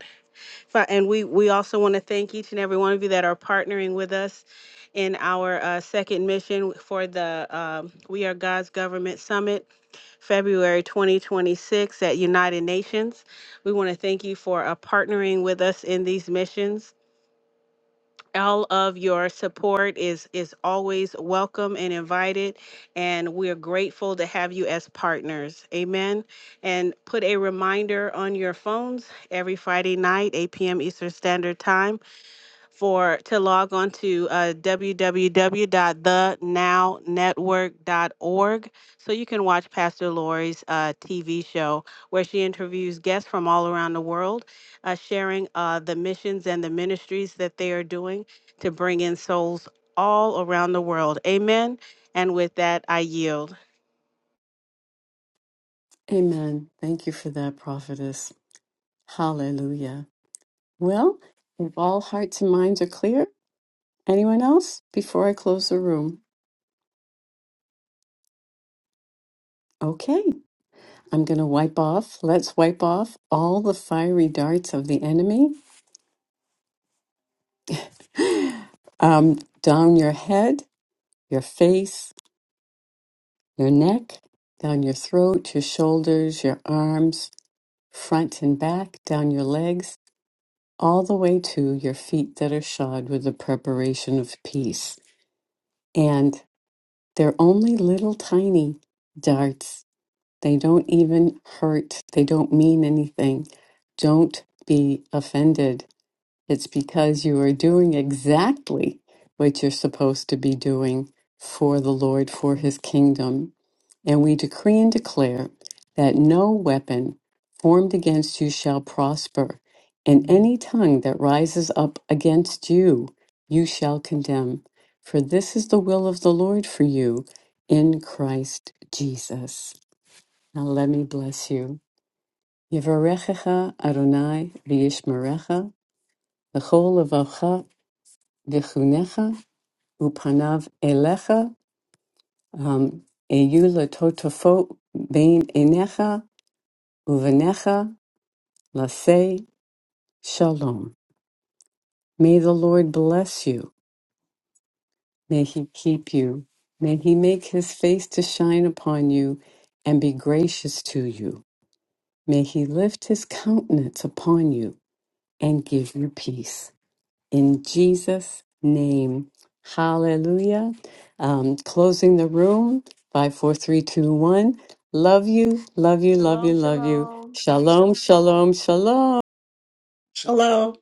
S3: Fa- And we, we also want to thank each and every one of you that are partnering with us in our uh, second mission for the um, We Are God's Government Summit, February 2026 at United Nations. We want to thank you for uh, partnering with us in these missions. All of your support is is always welcome and invited, and we are grateful to have you as partners. Amen. And put a reminder on your phones every Friday night, 8 p.m. Eastern Standard Time for to log on to uh, w w w dot the now network dot org, so you can watch Pastor Lori's uh, TV show where she interviews guests from all around the world, uh, sharing uh, the missions and the ministries that they are doing to bring in souls all around the world. Amen. And with that, I yield.
S1: Amen. Thank you for that, prophetess. Hallelujah. Well, if all hearts and minds are clear, anyone else before I close the room? Okay, I'm going to wipe off. Let's wipe off all the fiery darts of the enemy um, down your head, your face, your neck, down your throat, your shoulders, your arms, front and back, down your legs, all the way to your feet that are shod with the preparation of peace. And They're only little tiny darts. They don't even hurt. They don't mean anything. Don't be offended. It's because you are doing exactly what you're supposed to be doing for the Lord, for his kingdom. And we decree and declare that no weapon formed against you shall prosper, and any tongue that rises up against you, you shall condemn. For this is the will of the Lord for you in Christ Jesus. Now let me bless you. Yevarechecha Adonai v'yishmerecha, v'chol levacha v'chunecha, upanav elecha, um, eyu letotofo bein enecha, Uvanecha lase shalom. May the Lord bless you. May he keep you. May he make his face to shine upon you and be gracious to you. May he lift his countenance upon you and give you peace. In Jesus' name, hallelujah. Um, closing the room, 54321. Love you, love you, love you,
S3: Shalom,
S1: love you.
S3: shalom.
S1: Shalom, shalom, shalom.
S2: Shalom.